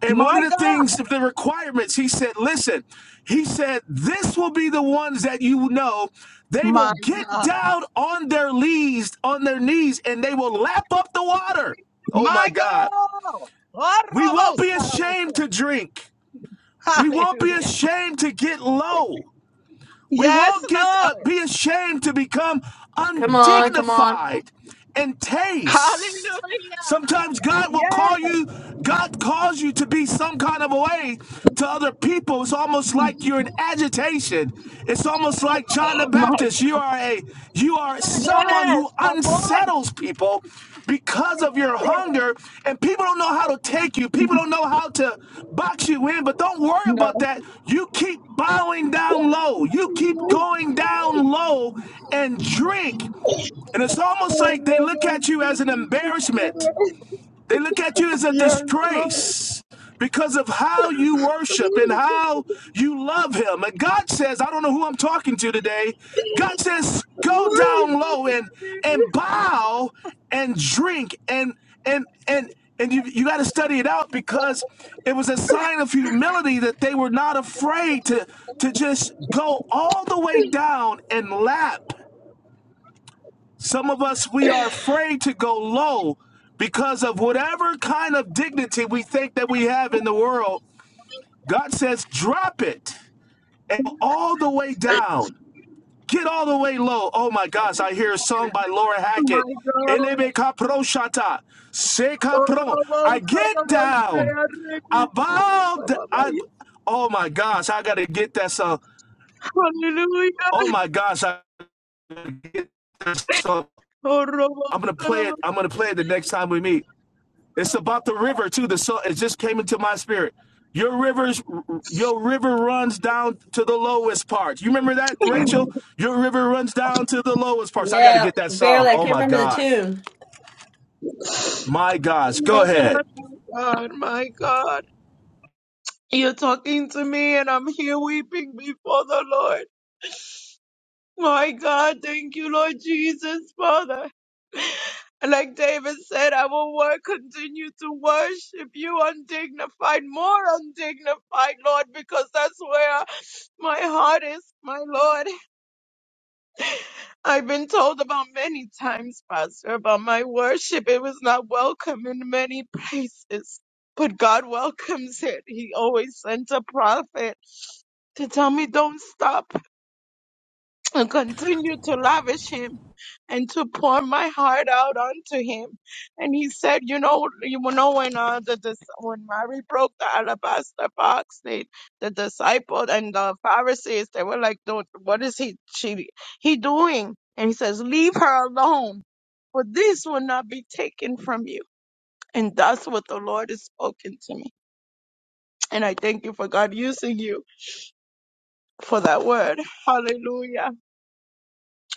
S2: And one of
S1: My
S2: the
S1: God,
S2: things, the requirements, He said, listen, He said, this will be the ones that you know. They
S1: my
S2: will get
S1: God,
S2: down on their knees, on their knees, and they will lap up the water. Oh my
S1: my
S2: God.
S1: God.
S2: We won't
S1: Oh,
S2: be ashamed
S1: Rabosaka,
S2: to drink. We won't be
S1: Hallelujah.
S2: ashamed to get low. We
S1: Yes,
S2: won't get uh,
S1: Lord.
S2: be ashamed to become
S7: Come on, come on.
S2: undignified and taste.
S1: Hallelujah.
S2: Sometimes God will
S1: Yes,
S2: call you, God calls you to be some kind of a way to other people. It's almost like you're in agitation. It's almost like John the
S1: my,
S2: Baptist. You are a you are someone
S1: yes,
S2: who
S1: a voice.
S2: unsettles people because of your hunger and people don't know how to take you. People don't know how to box you in, but don't worry about
S1: No.
S2: that. You keep bowing down low. You
S1: Yes,
S2: keep going down low and drink. And it's almost like they look at you as an embarrassment. They look at you as a
S1: Lord.
S2: disgrace because of how you worship and how you love Him. And God says, I don't know who I'm talking to today. God says, go
S1: Lord, he's
S2: down low
S1: looking
S2: and
S1: at me.
S2: and bow and drink and and and and you you got to study it out because it was a sign of humility that they were not afraid to to just go all the way down and lap some of us, we are afraid to go low because of whatever kind of dignity we think that we have in the world. God says, drop it and all the way down. Get all the way low. Oh my gosh, I hear a song by Laura
S1: Oh
S2: Hackett.
S1: my God.
S2: Elebe kapro shata, se
S1: Oh,
S2: kapro. I
S1: Rabbi, son
S2: get
S1: of
S2: down.
S1: a
S2: I bow. d- I,
S1: Sarah,
S2: oh my gosh, I got to get that song. Oh
S1: Hallelujah.
S2: my gosh, I get that song.
S1: Oh,
S2: I'm gonna play
S1: Rabbi,
S2: it. I'm gonna play it the next time we meet. It's about the river too. The so it just came into my spirit. Your rivers, your river runs down to the lowest part. You remember that, Rachel? Your river runs down to the lowest parts. I got to
S7: Yeah,
S2: get that song.
S7: barely. I
S2: Oh
S7: can't
S2: my
S7: remember the
S2: gosh,
S7: tune.
S2: my gosh,
S1: My
S2: go
S1: God,
S2: ahead.
S1: my God, my God. You're talking to me and I'm here weeping before the Lord. My God, thank you, Lord Jesus, Father. And like David said, I will work, continue to worship you undignified, more undignified, Lord, because that's where my heart is, my Lord. I've been told about many times, Pastor, about my worship. It was not welcome in many places but God welcomes it. He always sent a prophet. to tell me don't stop and continue to lavish him and to pour my heart out onto him. And he said, you know, you know when uh, the dis- when Mary broke the alabaster box, they the disciples and the Pharisees they were like, "Don't what is he she he doing?" And he says, "Leave her alone, for this will not be taken from you." And that's what the Lord has spoken to me. And I thank you for God using you for that word. Hallelujah.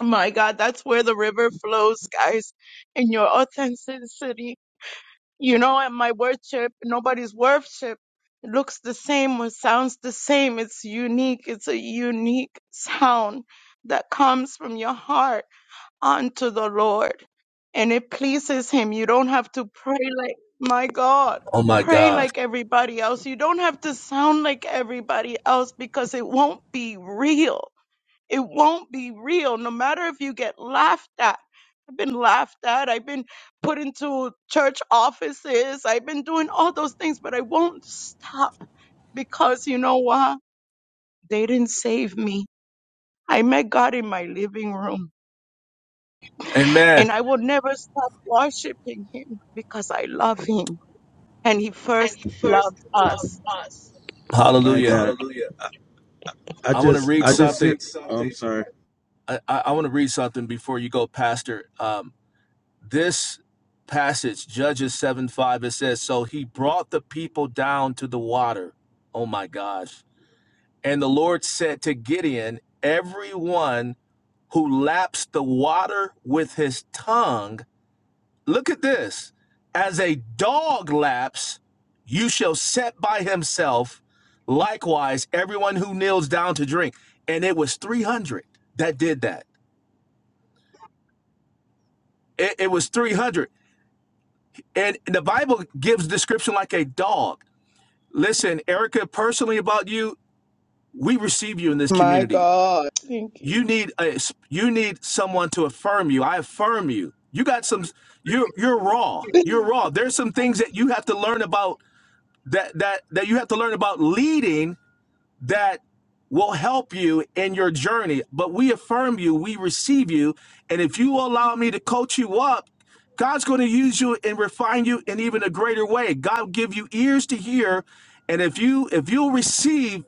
S1: My God, that's where the river flows, guys, in your authenticity. You know, and my worship, nobody's worship looks the same or sounds the same. It's unique. It's a unique sound that comes from your heart unto the Lord. And it pleases Him. You don't have to pray like, my God,
S2: Oh my
S1: pray
S2: gosh,
S1: like everybody else. You don't have to sound like everybody else because it won't be real it won't be real, no matter if you get laughed at. I've been laughed at. I've been put into church offices. I've been doing all those things, but I won't stop because you know what? They didn't save me. I met God in my living room
S2: Amen,
S1: and I will never stop worshiping Him because I love Him and He first loved us.
S6: My
S2: Hallelujah.
S6: God. Hallelujah. I
S2: I want to
S6: just I
S2: read
S6: I want just to hear
S2: something.
S6: read oh, I'm something. sorry.
S2: I, I, I want to read something before you go, Pastor. Um, this passage, Judges seven five, it says, "So he brought the people down to the water." Oh my gosh. And the Lord said to Gideon, Everyone who laps the water with his tongue, look at this, as a dog laps, you shall set by himself. Likewise, everyone who kneels down to drink. And it was 300 that did that. It, it was 300. And the Bible gives description like a dog. Listen, Erica, personally about you, we receive you in this
S1: My
S2: community.
S1: God. Thank you.
S2: you need a you need someone to affirm you i affirm you you got some you're you're raw you're raw there's some things that you have to learn about that that that you have to learn about leading that will help you in your journey but we affirm you we receive you and if you allow me to coach you up god's going to use you and refine you in even a greater way god will give you ears to hear and if you if you'll receive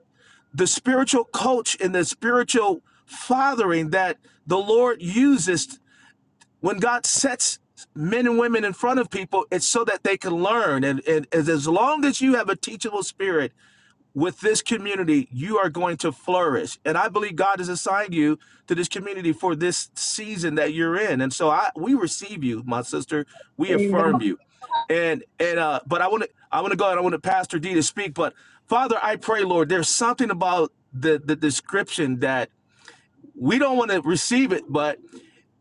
S2: the spiritual coach and the spiritual fathering that the Lord uses when God sets men and women in front of people, it's so that they can learn. And, and as as long as you have a teachable spirit with this community, you are going to flourish. And I believe God has assigned you to this community for this season that you're in. And so I we receive you, my sister. We
S1: Amen.
S2: affirm you. And and uh but I want to I want to go and I want to Pastor D to speak, but Father, I pray, Lord, there's something about the the description that we don't want to receive it, but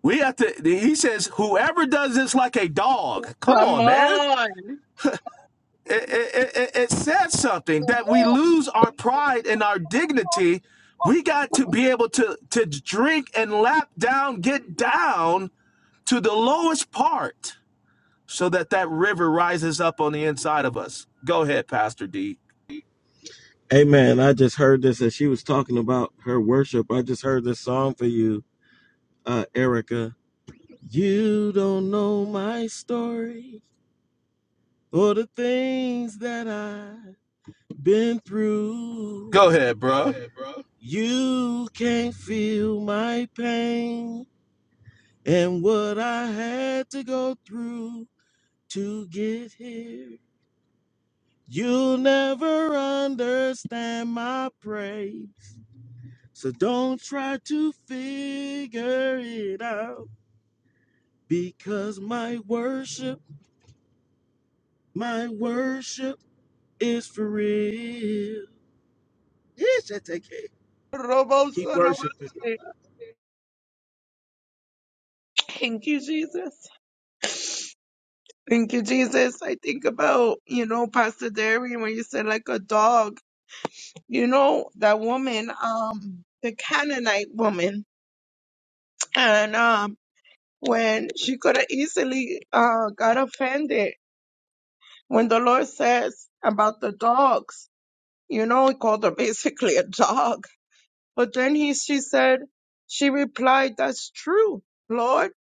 S2: we have to he says, whoever does this like a dog, come on, man it, it, it, it says something that we lose our pride and our dignity. We got to be able to to drink and lap down, get down to the lowest part, so that that river rises up on the inside of us. Go ahead, Pastor D.
S6: Amen. I just heard this as she was talking about her worship. I just heard this song for you, uh, Erica. You don't know my story or the things that I been through.
S2: Go ahead,
S6: Go
S2: bro.
S6: ahead, bro. You can't feel my pain and what I had to go through to get here. You'll never understand my praise. So don't try to figure it out because my worship, my worship is for real. Yes, I take it.
S1: Robo
S6: Keep worshiping.
S1: Thank you, Jesus. Thank you, Jesus. I think about, you know, Pastor Darian when you said like a dog. You know, that woman, um, the Canaanite woman. And um when she could have easily uh got offended when the Lord says about the dogs, you know, he called her basically a dog. But then he she said she replied, That's true, Lord.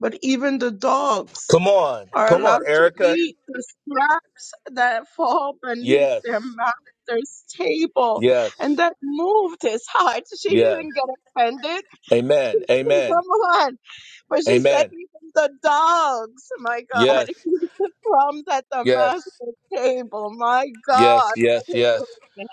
S1: But even the dogs
S2: Come on.
S1: are
S2: Come on,
S1: allowed to
S2: Erica.
S1: eat the scraps that fall beneath
S2: Yes.
S1: their master's table. And
S2: Yes.
S1: that moved his heart. She
S2: Yeah.
S1: didn't get offended. She
S2: Amen.
S1: said, Come
S2: Amen.
S1: on. But she said,
S2: Amen.
S1: Even the dogs, my God,
S2: Yes.
S1: eat the crumbs at the
S2: Yes.
S1: master's table. My
S2: Yes.
S1: God.
S2: Yes. Yes.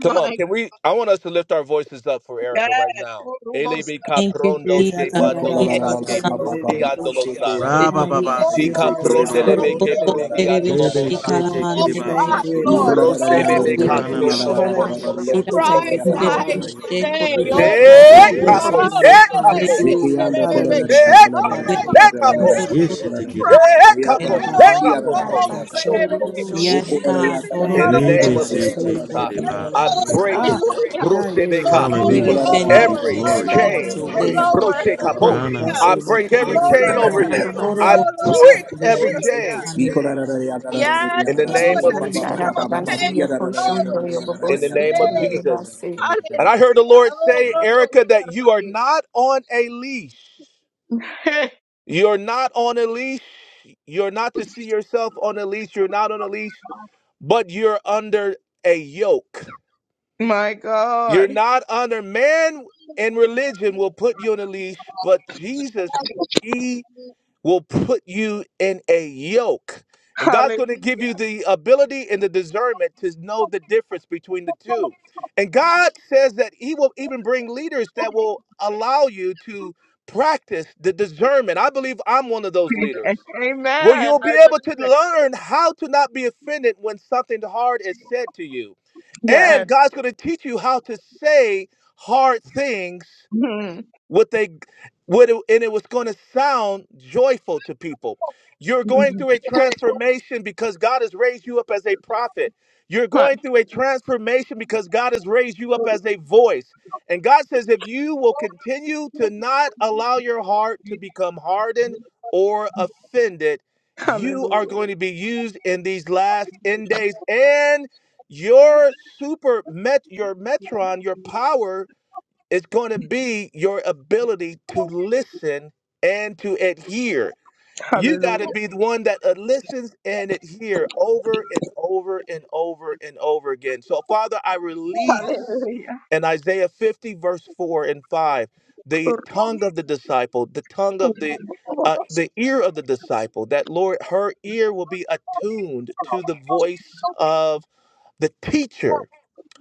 S2: Come on, can we? I want us to lift our voices up for
S1: God.
S2: Erica right now. Elebe
S3: Thank you,
S2: caprondo
S5: Yes. ah,
S2: she
S3: Jesus.
S5: da,
S4: You
S5: da,
S4: go,
S5: da,
S4: la,
S8: We
S4: la,
S5: da,
S8: can
S4: la,
S8: do
S2: bandolosa
S4: la,
S5: bo-
S1: Yes.
S4: la,
S2: ke
S5: shi-
S4: ba, ba,
S3: Kitamante,
S8: something
S5: di-
S4: ba,
S5: di-
S4: ba,
S2: prundi
S4: ba,
S5: di- di.
S4: shake it,
S2: andolosa.
S4: yeah,
S5: Ah,
S4: go, la, la,
S5: we
S4: la,
S6: Ra-ba-ba-ba,
S1: Oh,
S4: la,
S5: thank
S2: Si
S6: see,
S4: yeah,
S5: you for
S1: Robo
S5: our
S4: go, yeah, la,
S2: capronde
S5: sister
S6: dick,
S4: la, la, la,
S3: korobo,
S4: yeah,
S2: ke
S1: Sarabasea,
S4: la,
S5: Erica.
S4: la, la,
S1: Rebe
S2: prundi
S4: la,
S3: terebe,
S4: yeah, la,
S6: Rebe
S4: la,
S2: andolobosa.
S4: la,
S8: about the
S4: la, ba,
S6: shete
S5: Oh,
S1: Sarabakumo,
S4: ba,
S6: kiri
S5: we
S3: shikalamante,
S8: portions of
S6: basa
S5: thank
S1: Pride,
S5: you,
S3: kobosule,
S8: the
S5: about
S1: Lord.
S6: kururu.
S4: Nicola
S2: Rose
S5: this. Rebecca
S1: Robo
S3: hallelujah.
S4: Rariando
S2: bebe
S8: Yes, you
S4: Roro
S5: Santararo
S6: Anana
S4: Cuyala
S6: mama
S1: Sarabashea.
S2: casotolobo
S5: Shadalende.
S6: mama
S2: sondo
S5: We
S3: Kiramante,
S6: sete
S4: Rariando
S8: Babasi,
S5: thank you
S1: Pride
S6: ki.
S5: for
S4: Cuyala
S5: her
S2: roboboboco.
S3: terebe,
S1: dies
S5: life.
S3: sheko,
S1: today.
S5: We
S6: Yes.
S1: Oh,
S5: thank
S4: Rariando
S5: you for
S1: Robo
S5: her
S2: Se
S6: Mete
S3: terebe,
S6: te
S4: Rariando
S5: place
S6: te
S5: in
S2: capo,
S5: the
S3: si,
S6: te te
S5: body
S2: se
S6: te
S5: of
S1: Sarabashea.
S2: capo,
S5: Christ.
S3: hallelujah.
S4: Dekiando Cola
S5: Hararo
S2: se
S4: Rariando
S2: capo,
S3: Kiramante,
S1: Robo
S2: se
S4: Rariando
S5: Shadarabaka
S2: capo,
S6: ba.
S3: korobo,
S1: Sarabashea.
S6: Yes, shete
S5: Sadareleke.
S6: kiri
S2: se
S3: terebe.
S6: ba.
S1: Pride has to
S4: Rariando
S2: capo,
S1: go.
S2: se
S4: Roro
S1: Oh,
S6: Anana.
S4: Kiara
S2: capo.
S1: Robo
S2: to,
S5: Rababababaka
S2: nando
S4: Rariando
S1: Sarabashea.
S2: pronde
S4: O
S3: Yes,
S5: Shorororosha.
S4: Cola
S3: God.
S4: Rariando
S3: Horobo,
S2: In the
S5: Thank you,
S2: name
S6: Rebe
S4: Rariando
S2: of
S5: Jesus, for
S4: Rariando
S6: shete
S5: you
S2: Jesus, I
S6: kiri
S5: working in
S1: Yes,
S5: our
S4: Rariando
S2: I
S6: basa.
S1: Lord.
S5: lives.
S2: break
S4: Rariando
S5: Ah,
S1: Hallelujah.
S5: ah, yeah,
S1: Go
S2: Rosebeka
S5: working in
S1: lower,
S5: our
S3: tulebe,
S6: Hallelujah.
S4: Nicola
S1: go
S5: life,
S6: We
S3: sente,
S6: give you
S5: Lord,
S1: lower,
S5: in
S2: every
S5: a
S1: go
S4: Rariando
S6: glory.
S1: lower,
S2: chain
S5: supernatural
S1: go
S5: way,
S4: Rariando
S5: God.
S1: lower.
S4: Rariando
S2: Proshekabo.
S5: Lord,
S6: Ranana
S1: Hallelujah.
S5: bless
S2: I
S5: her, Lord,
S2: break
S4: Rariando
S5: coming
S2: every
S1: Go
S5: in and
S2: chain
S5: going
S1: lower.
S2: over
S5: out, oh
S2: you.
S5: God.
S1: Go,
S2: I
S3: horobo,
S5: Bless
S1: Lord.
S5: her
S2: break
S3: terebe,
S5: family,
S2: every
S5: bless her
S1: Hallelujah.
S2: chain
S4: Slavery,
S5: household,
S6: mama.
S5: oh
S3: hallelujah.
S4: yeah.
S5: God.
S1: Yes,
S2: in the
S5: Bless
S1: Lord.
S2: name
S5: the
S2: of
S1: The
S5: words
S1: spirit
S2: Jesus.
S1: of
S5: from come out of her.
S8: your
S1: offense, go
S8: portion,
S1: in
S8: do your
S2: In the
S1: Jesus'
S8: babosi,
S2: name
S8: to
S2: of
S8: your
S1: name.
S2: Jesus.
S8: babasi.
S2: And I heard the
S1: Hallelujah.
S2: Lord
S1: Oh,
S2: say, Erica, that
S1: Lord.
S2: you are not on a leash. You're not on a leash. You're not to see yourself on a leash. You're not on a leash, but you're under a yoke.
S1: My
S2: You're not under man and religion will put you on a leash, but Jesus, will put you in a yoke. And God's going to give you the ability and the discernment to know the difference between the two. And God says that He will even bring leaders that will allow you to practice the discernment. I believe I'm one of those leaders. Well,
S1: man,
S2: you'll
S1: I
S2: be able to
S1: believe it.
S2: learn how to not be offended when something hard is said to you. And God's going to teach you how to say hard things what they what it, and it was going to sound joyful to people you're going through a transformation because god has raised you up as a prophet you're
S1: My
S2: going through a transformation because god has raised you up
S1: God.
S2: as a voice and god says if you will continue to not allow your heart to become hardened or offended you are
S1: Hallelujah.
S2: going to be used in these last end days and your super met your metron your power it's going to be your ability to listen and to adhere. You got to
S1: Hallelujah.
S2: be the one that uh, listens and adhere over and over and over and over again. So, Father, I release
S1: Hallelujah.
S2: in Isaiah 50, verse 4 and 5, the tongue of the disciple, the tongue of the uh, the ear of the disciple, that Lord, her ear will be attuned to the voice of the teacher,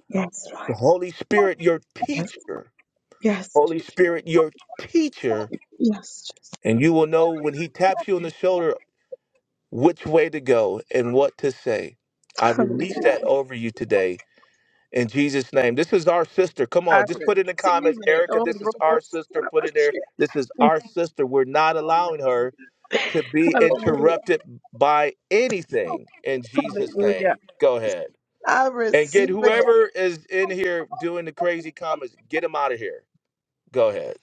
S1: Yes,
S2: the
S1: Lord.
S2: Holy Spirit, your
S1: Yes.
S2: teacher
S1: Yes,
S2: Holy
S1: Jesus.
S2: Spirit, your teacher,
S1: Yes, Jesus.
S2: and you will know when he taps you on the shoulder which way to go and what to say. I release
S1: Hallelujah.
S2: that over you today in Jesus' name. This is our sister. Come
S1: I
S2: on, just put in the
S1: receive
S2: comments,
S1: it.
S2: Erica,
S1: Oh,
S2: this is
S1: Robo
S2: our sister. Put it there.
S1: Sarabashia.
S2: This is our sister. We're not allowing her to be
S1: Hallelujah.
S2: interrupted by anything in Jesus' name.
S1: Hallelujah.
S2: Go ahead.
S1: I
S2: And get
S1: receive it.
S2: whoever is in here doing the crazy comments, get them out of here. Go ahead.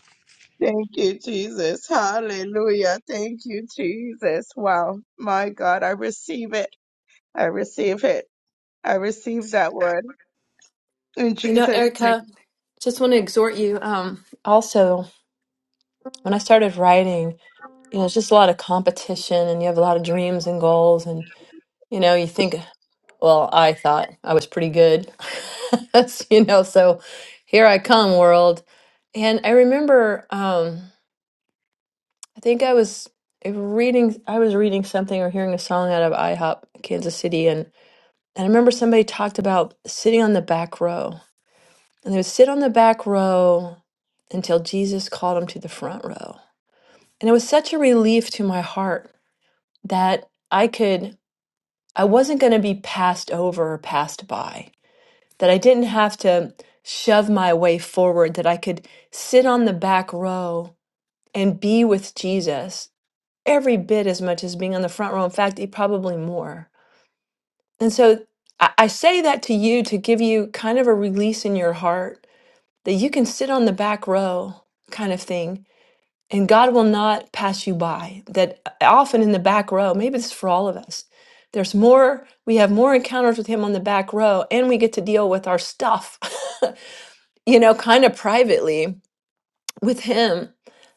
S1: Thank you, Jesus. Hallelujah. Thank you, Jesus. Wow. My God, I receive it. I receive it. I receive that word. In
S7: know,
S1: Jesus' name.
S7: Erica, just want to exhort you. Um, also, when I started writing, you know, it's just a lot of competition, and you have a lot of dreams and goals, and you know, you think, well, I thought I was pretty good, you know. So here I come, world. And I remember. Um, I think I was if reading I was reading something or hearing a song out of IHOP Kansas City and, and I remember somebody talked about sitting on the back row. And they would sit on the back row until Jesus called them to the front row. And it was such a relief to my heart that I could I wasn't going to be passed over or passed by. That I didn't have to shove my way forward, that I could sit on the back row and be with Jesus every bit as much as being on the front row. In fact, e- probably more. And so I, I say that to you to give you kind of a release in your heart that you can sit on the back row kind of thing and God will not pass you by. That uh, often in the back row, maybe this is for all of us, there's more, we have more encounters with Him on the back row and we get to deal with our stuff, you know, kind of privately with Him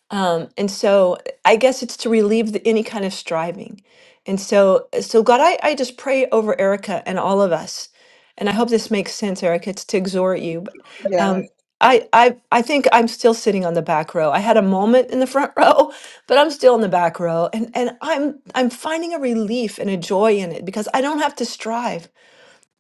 S7: Um, and so I guess it's to relieve the, any kind of striving. And so, so God, I, I just pray over Erica and all of us. And I hope this makes sense, Erica. It's to exhort you. But
S1: Yes.
S7: um, I, I, I think I'm still sitting on the back row. I had a moment in the front row, but I'm still in the back row. And, and I'm, I'm finding a relief and a joy in it because I don't have to strive.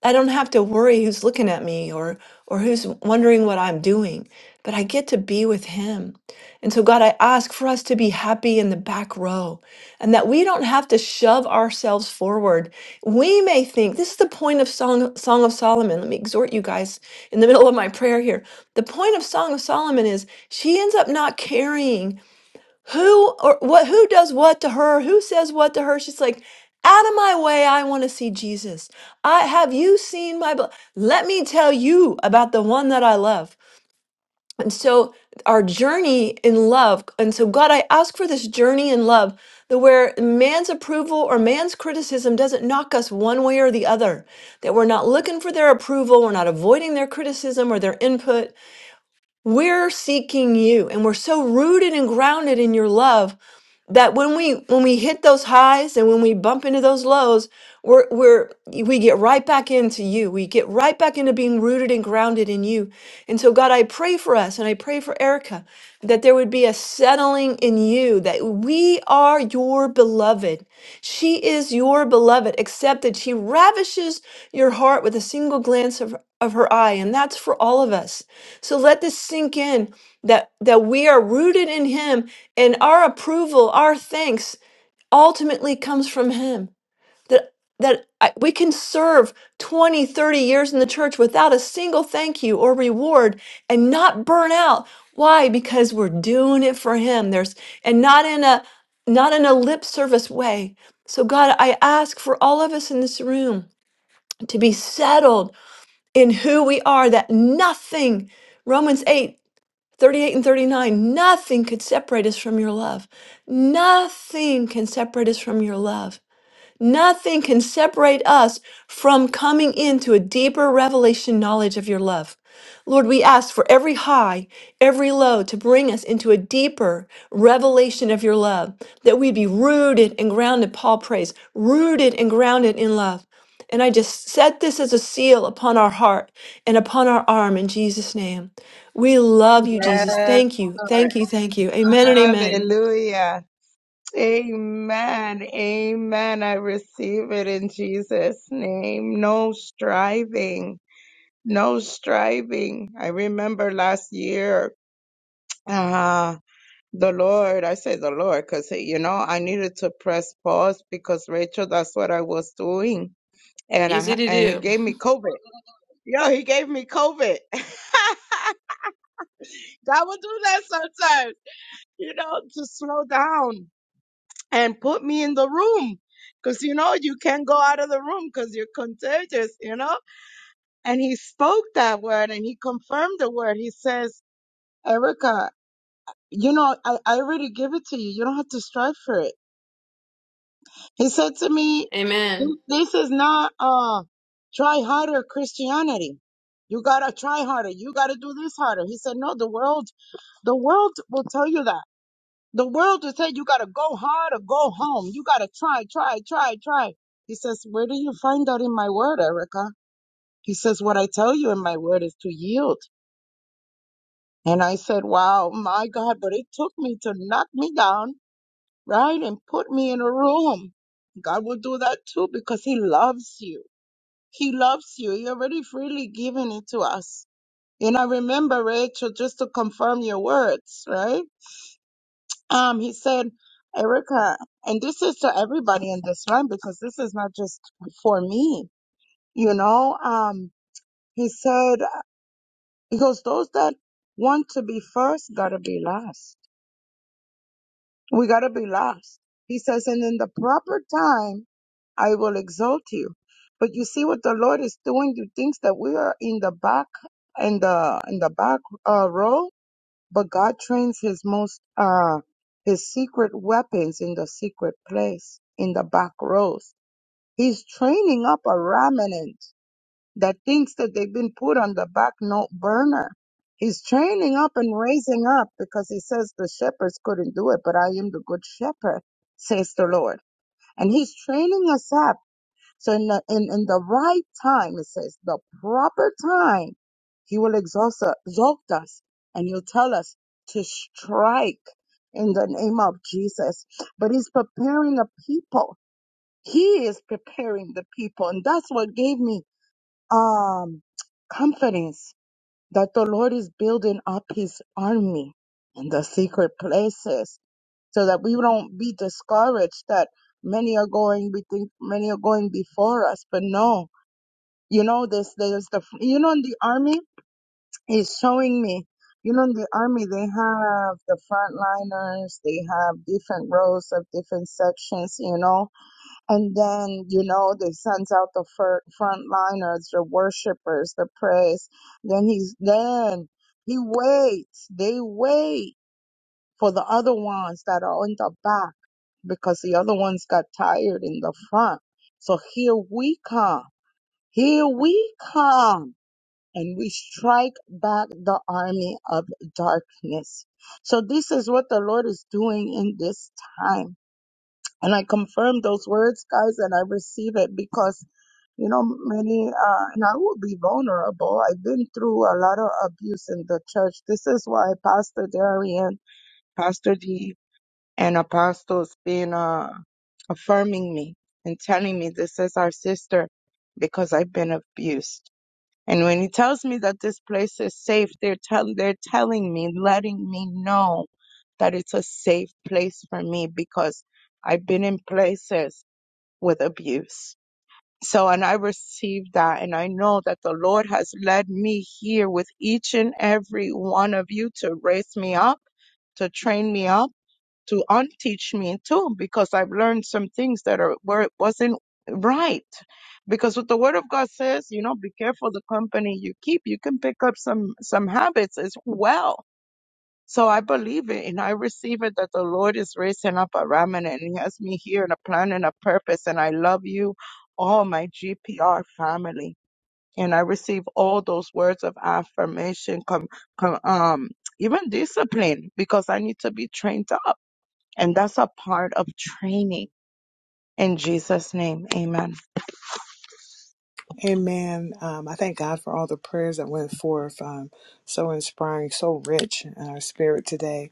S7: I don't have to worry who's looking at me or or who's wondering what I'm doing, but I get to be with him. And so God, I ask for us to be happy in the back row and that we don't have to shove ourselves forward. We may think this is the point of Song Song of Solomon. Let me exhort you guys in the middle of my prayer here. The point of Song of Solomon is she ends up not carrying who or what who does what to her who says what to her she's like out of my way i want to see jesus i have you seen my bl- let me tell you about the one that i love and so our journey in love and so god i ask for this journey in love that where man's approval or man's criticism doesn't knock us one way or the other that we're not looking for their approval we're not avoiding their criticism or their input we're seeking you and we're so rooted and grounded in your love that when we when we hit those highs and when we bump into those lows we're we're we get right back into you we get right back into being rooted and grounded in you and so god i pray for us and i pray for erica that there would be a settling in you that we are your beloved she is your beloved except that she ravishes your heart with a single glance of of her eye and that's for all of us so let this sink in that that we are rooted in him and our approval our thanks ultimately comes from him that that I- we can serve 20, 30 years in the church without a single thank you or reward and not burn out why because we're doing it for him there's and not in a not in a lip service way so god i ask for all of us in this room to be settled in who we are that nothing romans 8 38 and 39 nothing could separate us from your love nothing can separate us from your love Nothing can separate us from coming into a deeper revelation knowledge of your love. Lord, we ask for every high, every low to bring us into a deeper revelation of your love, that we be rooted and grounded, Paul prays, rooted and grounded in love. And I just set this as a seal upon our heart and upon our arm in Jesus' name. We love you, Jesus.
S1: Yes.
S7: Thank you.
S1: Lord.
S7: Thank you. Thank you. Amen and amen.
S1: Hallelujah. Amen. Amen. I receive it in Jesus' name. No striving. no striving. I remember last year, uh, the Lord, I say the Lord, because, you know, I needed to press pause because Rachel, that's what I was doing. And I
S7: Easy
S1: ha-
S7: to
S1: and he
S7: do.
S1: gave me COVID. Yo, he gave me COVID. I would do that sometimes, you know, to slow down and put me in the room. Cause you know, you can't go out of the room because you're contagious, you know? And he spoke that word and he confirmed the word. He says, Erica, You know, I, I already give it to you. You don't have to strive for it. He said to me,
S7: Amen.
S1: this this is not uh try harder Christianity. You gotta try harder. You gotta do this harder. He said, no, the world, the world will tell you that. The world will say you gotta go hard or go home. You gotta try, try, try, try. He says, where do you find that in my word, Erica? He says, what I tell you in my word is to yield. And I said, wow, my God, but it took me to knock me down right? And put me in a room. God will do that too because He loves you. He loves you. He already freely given it to us. And I remember, Rachel, just to confirm your words, right? Um, he said, Erica, and this is to everybody in this line because this is not just for me, you know. Um, he said, he goes, those that want to be first gotta be last. We gotta be last. He says, and in the proper time, I will exalt you. But you see what the Lord is doing. You think that we are in the back in the in the back uh, row, but God trains His most uh His secret weapons in the secret place in the back rows. He's training up a remnant that thinks that they've been put on the back note burner. He's training up and raising up because he says the shepherds couldn't do it, but I am the good shepherd, says the Lord. And he's training us up so in the, in, in the right time, it says the proper time, he will exalt, us, exalt us and he'll tell us to strike in the name of Jesus. But he's preparing a people. He is preparing the people. And that's what gave me, um, confidence that the Lord is building up his army in the secret places so that we don't be discouraged that many are going, we think many are going before us, but no, you know, this there's the you know in the army is showing me. You know, in the army they have the frontliners, they have different rows of different sections, you know, and then you know they sends out the fir- frontliners, the worshipers, the praise. Then he's then he waits. They wait for the other ones that are in the back because the other ones got tired in the front. So here we come. Here we come and we strike back the army of darkness. So this is what the Lord is doing in this time. And I confirm those words, guys, and I receive it because, you know, many, uh, and I will be vulnerable. I've been through a lot of abuse in the church. This is why Pastor Darian, Pastor D, and Apostles been, uh, affirming me and telling me this is our sister because I've been abused. And when he tells me that this place is safe, they're tell they're telling me, letting me know that it's a safe place for me because I've been in places with abuse. So and I received that and I know that the Lord has led me here with each and every one of you to raise me up, to train me up to unteach me too because I've learned some things that are where it wasn't right. Because what the word of God says, you know, be careful the company you keep. You can pick up some some habits as well. So I believe it and I receive it that the Lord is raising up a remnant and he has me here in a plan and a purpose. And I love you, all my GPR family. And I receive all those words of affirmation, com, com, um, even discipline because I need to be trained up. And that's a part of training. In Jesus' name, amen.
S5: Amen. Um, I thank God for all the prayers that went forth. Um, so inspiring, so rich in our spirit today.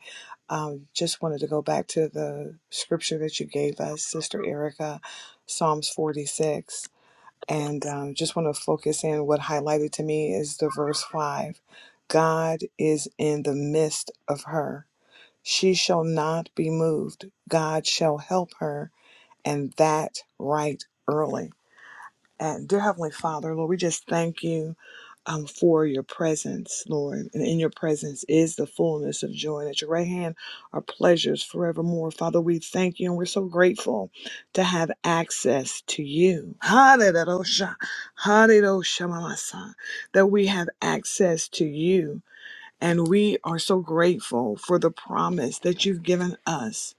S5: Um, just wanted to go back to the scripture that you gave us, Sister Erica, Psalms 46. And um, just want to focus in what highlighted to me is the verse 5 God is in the midst of her. She shall not be moved. God shall help her, and that right early. And dear Heavenly Father, Lord, we just thank you um, for your presence, Lord. And in your presence is the fullness of joy. And at your right hand are pleasures forevermore. Father, we thank you and we're so grateful to have access to you. Hallelujah. Hallelujah, my son, that we have access to you. And we are so grateful for the promise that you've given us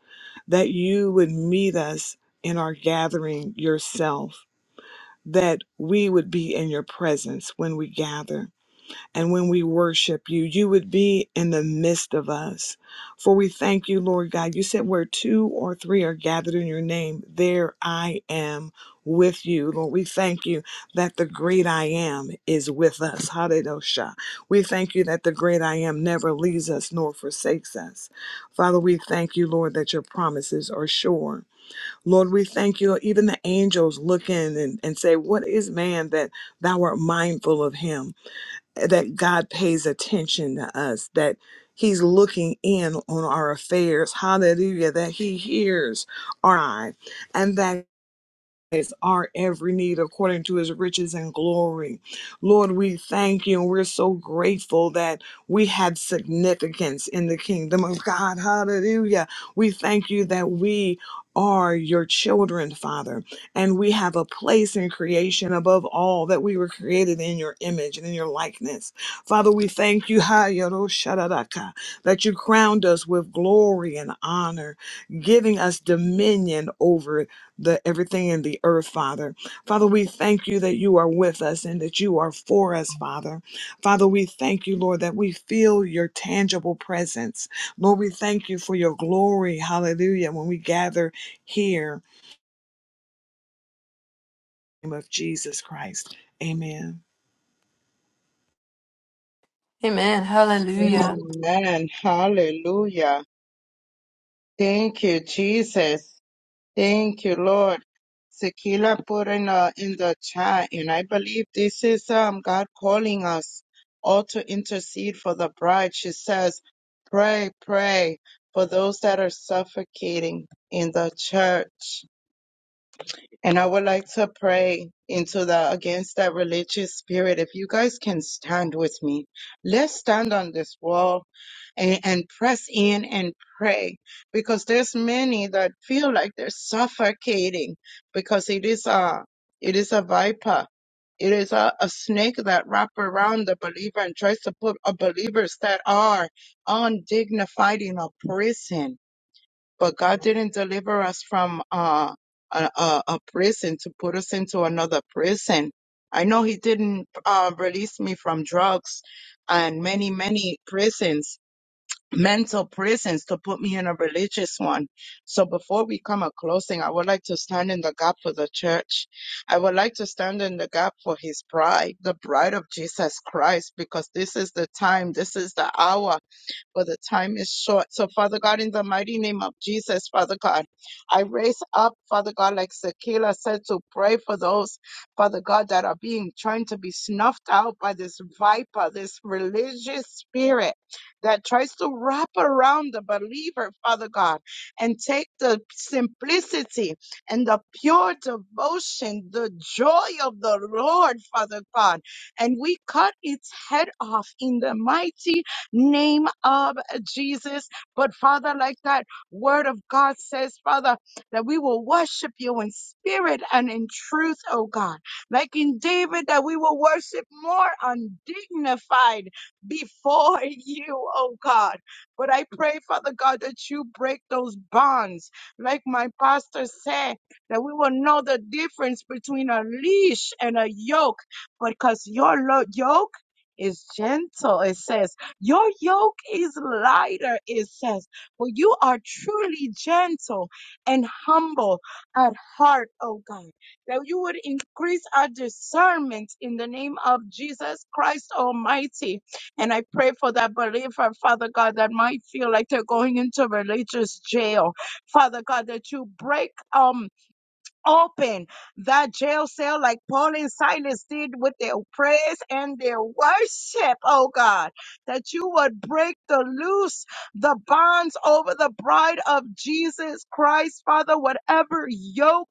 S5: that you would meet us in our gathering yourself that we would be in your presence when we gather and when we worship you. You would be in the midst of us. For we thank you, Lord God. You said where two or three are gathered in your name, there I am with you. Lord, we thank you that the great I am is with us. Hallelujah. We thank you that the great I am never leaves us nor forsakes us. Father, we thank you, Lord, that your promises are sure Lord, we thank you. Even the angels look in and, and say, What is man that thou art mindful of him? That God pays attention to us, that he's looking in on our affairs. Hallelujah. That he hears our cry, and that is our every need according to his riches and glory. Lord, we thank you and we're so grateful that we have significance in the kingdom of God. Hallelujah. We thank you that we are your children, Father, and we have a place in creation above all that we were created in your image and in your likeness. Father, we thank you ha, yoro, shadaraka, that you crowned us with glory and honor, giving us dominion over the everything in the earth, Father. Father, we thank you that you are with us and that you are for us, Father. Father, we thank you, Lord, that we feel your tangible presence. Lord, we thank you for your glory. Hallelujah. When we gather here in the name of Jesus Christ. Amen.
S7: Amen. Hallelujah.
S1: Amen. Hallelujah. Thank you, Jesus. Thank you, Lord. Sekila put in the in the chat, and I believe this is um God calling us all to intercede for the bride. She says, "Pray, pray for those that are suffocating in the church." And I would like to pray into the against that religious spirit. If you guys can stand with me, let's stand on this wall and, and press in and pray because there's many that feel like they're suffocating because it is a it is a viper. It is a, a snake that wraps around the believer and tries to put a believers that are undignified in a prison but God didn't deliver us from uh, a, a, a prison to put us into another prison. I know He didn't uh, release me from drugs and many, many prisons, mental prisons, to put me in a religious one. So before we come a closing, I would like to stand in the gap for the church. I would like to stand in the gap for His bride, the bride of Jesus Christ, because this is the time, this is the hour for the time is short. So, Father God, in the mighty name of Jesus, Father God, I raise up, Father God, like Sakila said, to pray for those, Father God, that are being trying to be snuffed out by this viper, this religious spirit that tries to wrap around the believer, Father God, and take the simplicity and the pure devotion, the joy of the Lord, Father God, and we cut its head off in the mighty name of Jesus. But Father, like that word of God says, Father, that we will worship you in spirit and in truth, oh God. Like in David, that we will worship more undignified before you, oh God. But I pray, Father God, that you break those bonds. Like my pastor said, that we will know the difference between a leash and a yoke, because your lo- yoke is gentle, it says your yoke is lighter, it says, for you are truly gentle and humble at heart, oh God. That you would increase our discernment in the name of Jesus Christ Almighty. And I pray for that believer, Father God, that might feel like they're going into religious jail. Father God, that you break, um open that jail cell like Paul and Silas did with their prayers and their worship, oh God, that you would break the loose, the bonds over the bride of Jesus Christ, Father, whatever yoke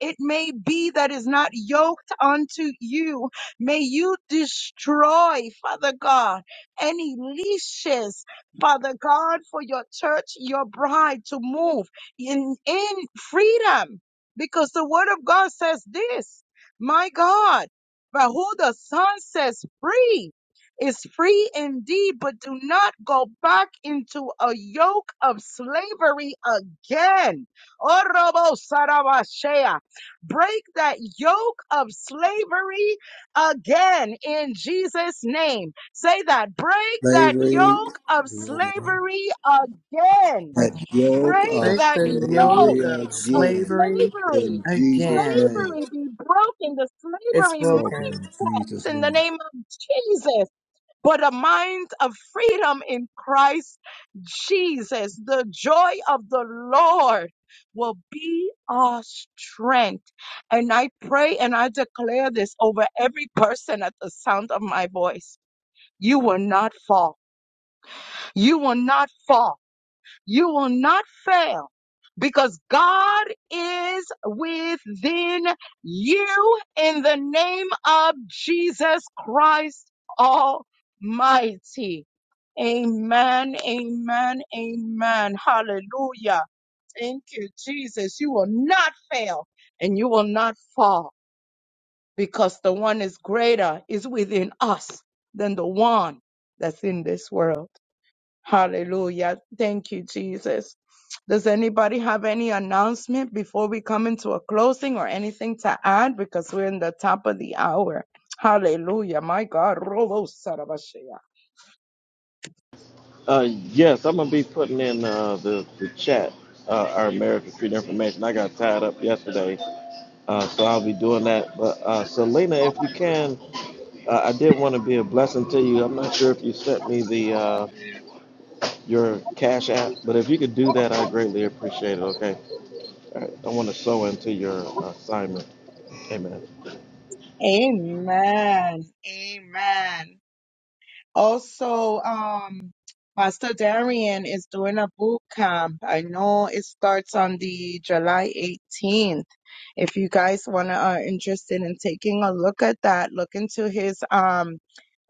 S1: it may be that is not yoked unto you, may you destroy, Father God, any leashes, Father God, for your church, your bride to move in, in freedom because the word of God says this, my God, but who the son says free is free indeed, but do not go back into a yoke of slavery again. Orobo Sarabashea. Break that yoke of slavery again in Jesus' name. Say that. Break that yoke of slavery again.
S4: that yoke
S1: Break
S4: of
S5: Break
S1: that
S5: the
S1: yoke
S5: yoke
S4: slavery
S5: of
S1: of
S4: again
S5: slavery
S1: slavery.
S4: in Jesus'
S5: again.
S4: name,
S1: Slavery be broken, the
S5: It's
S1: slavery minds
S4: broken
S5: broken.
S4: in Jesus'
S1: in the
S4: name.
S1: name of Jesus, but a mind of freedom in Christ Jesus. The joy of the Lord will be our strength. And I pray and I declare this over every person at the sound of my voice. You will not fall. You will not fall you will not fail because God is within you in the name of Jesus Christ Almighty. Amen, amen, amen. Hallelujah. Thank you, Jesus. You will not fail and you will because the one is greater is within us than the one that's in this world. Hallelujah. Thank you, Jesus. Does anybody have any announcement before we come into a closing or anything to add? Because we're in the top of the hour. Hallelujah. My God. Robo Sarabashea.
S6: Uh, yes, I'm gonna be putting in uh, the the chat uh, our American Street information. I got tied up yesterday, uh, so I'll be doing that. But uh, Selena, if you can, uh, I did want to be a blessing to you. I'm not sure if you sent me the uh, your cash app, but if you could do that, I greatly appreciate it. Okay, All right. I want to sew into your assignment. Amen.
S1: Amen. Amen. Also, um, Pastor Darian is doing a boot camp. I know it starts on the July 18th. If you guys want to are interested in taking a look at that, look into his um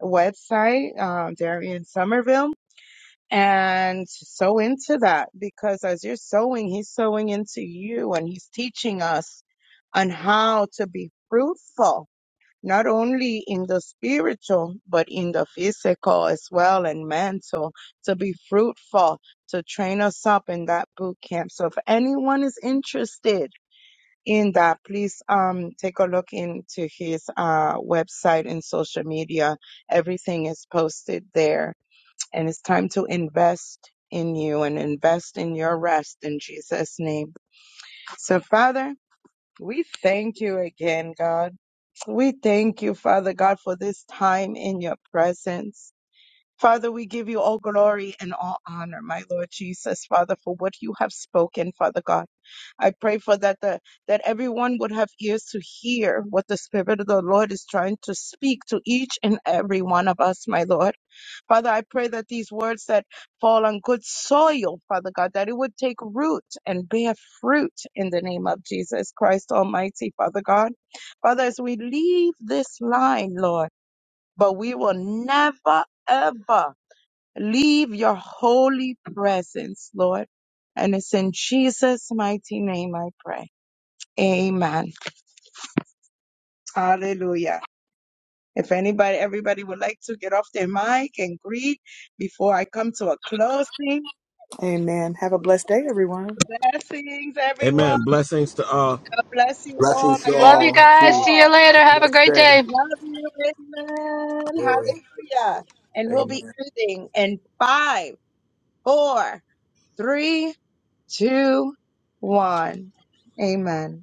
S1: website, um, Darian Somerville, and sow into that because as you're sowing, he's sowing into you and he's teaching us on how to be fruitful not only in the spiritual, but in the physical as well and mental, to be fruitful, to train us up in that boot camp. So if anyone is interested in that, please um take a look into his uh website and social media. Everything is posted there. And it's time to invest in you and invest in your rest in Jesus' name. So Father, we thank you again, God. We thank you, Father God, for this time in your presence. Father, we give you all glory and all honor, my Lord Jesus, Father, for what you have spoken, Father God. I pray for that the, that everyone would have ears to hear what the Spirit of the Lord is trying to speak to each and every one of us, my Lord. Father, I pray that these words that fall on good soil, Father God, that it would take root and bear fruit in the name of Jesus Christ Almighty, Father God. Father, as we leave this line, Lord, but we will never, ever leave your holy presence, Lord. And it's in Jesus' mighty name I pray. Amen. Hallelujah. If anybody, everybody would like to get off their mic and greet before I come to a closing.
S5: Amen. Have a blessed day, everyone.
S1: Blessings, everyone.
S6: Amen. Blessings to all.
S1: God bless you all.
S4: Blessings
S1: I
S4: to
S7: Love
S1: love
S7: you
S1: you
S4: all
S7: guys.
S4: to
S7: See you
S1: all.
S7: later. Have a great
S4: stay.
S7: day.
S1: Love you. Amen.
S4: Glory.
S1: Hallelujah. And we'll
S4: Amen.
S1: be ending in five, four, three, two, one. Amen.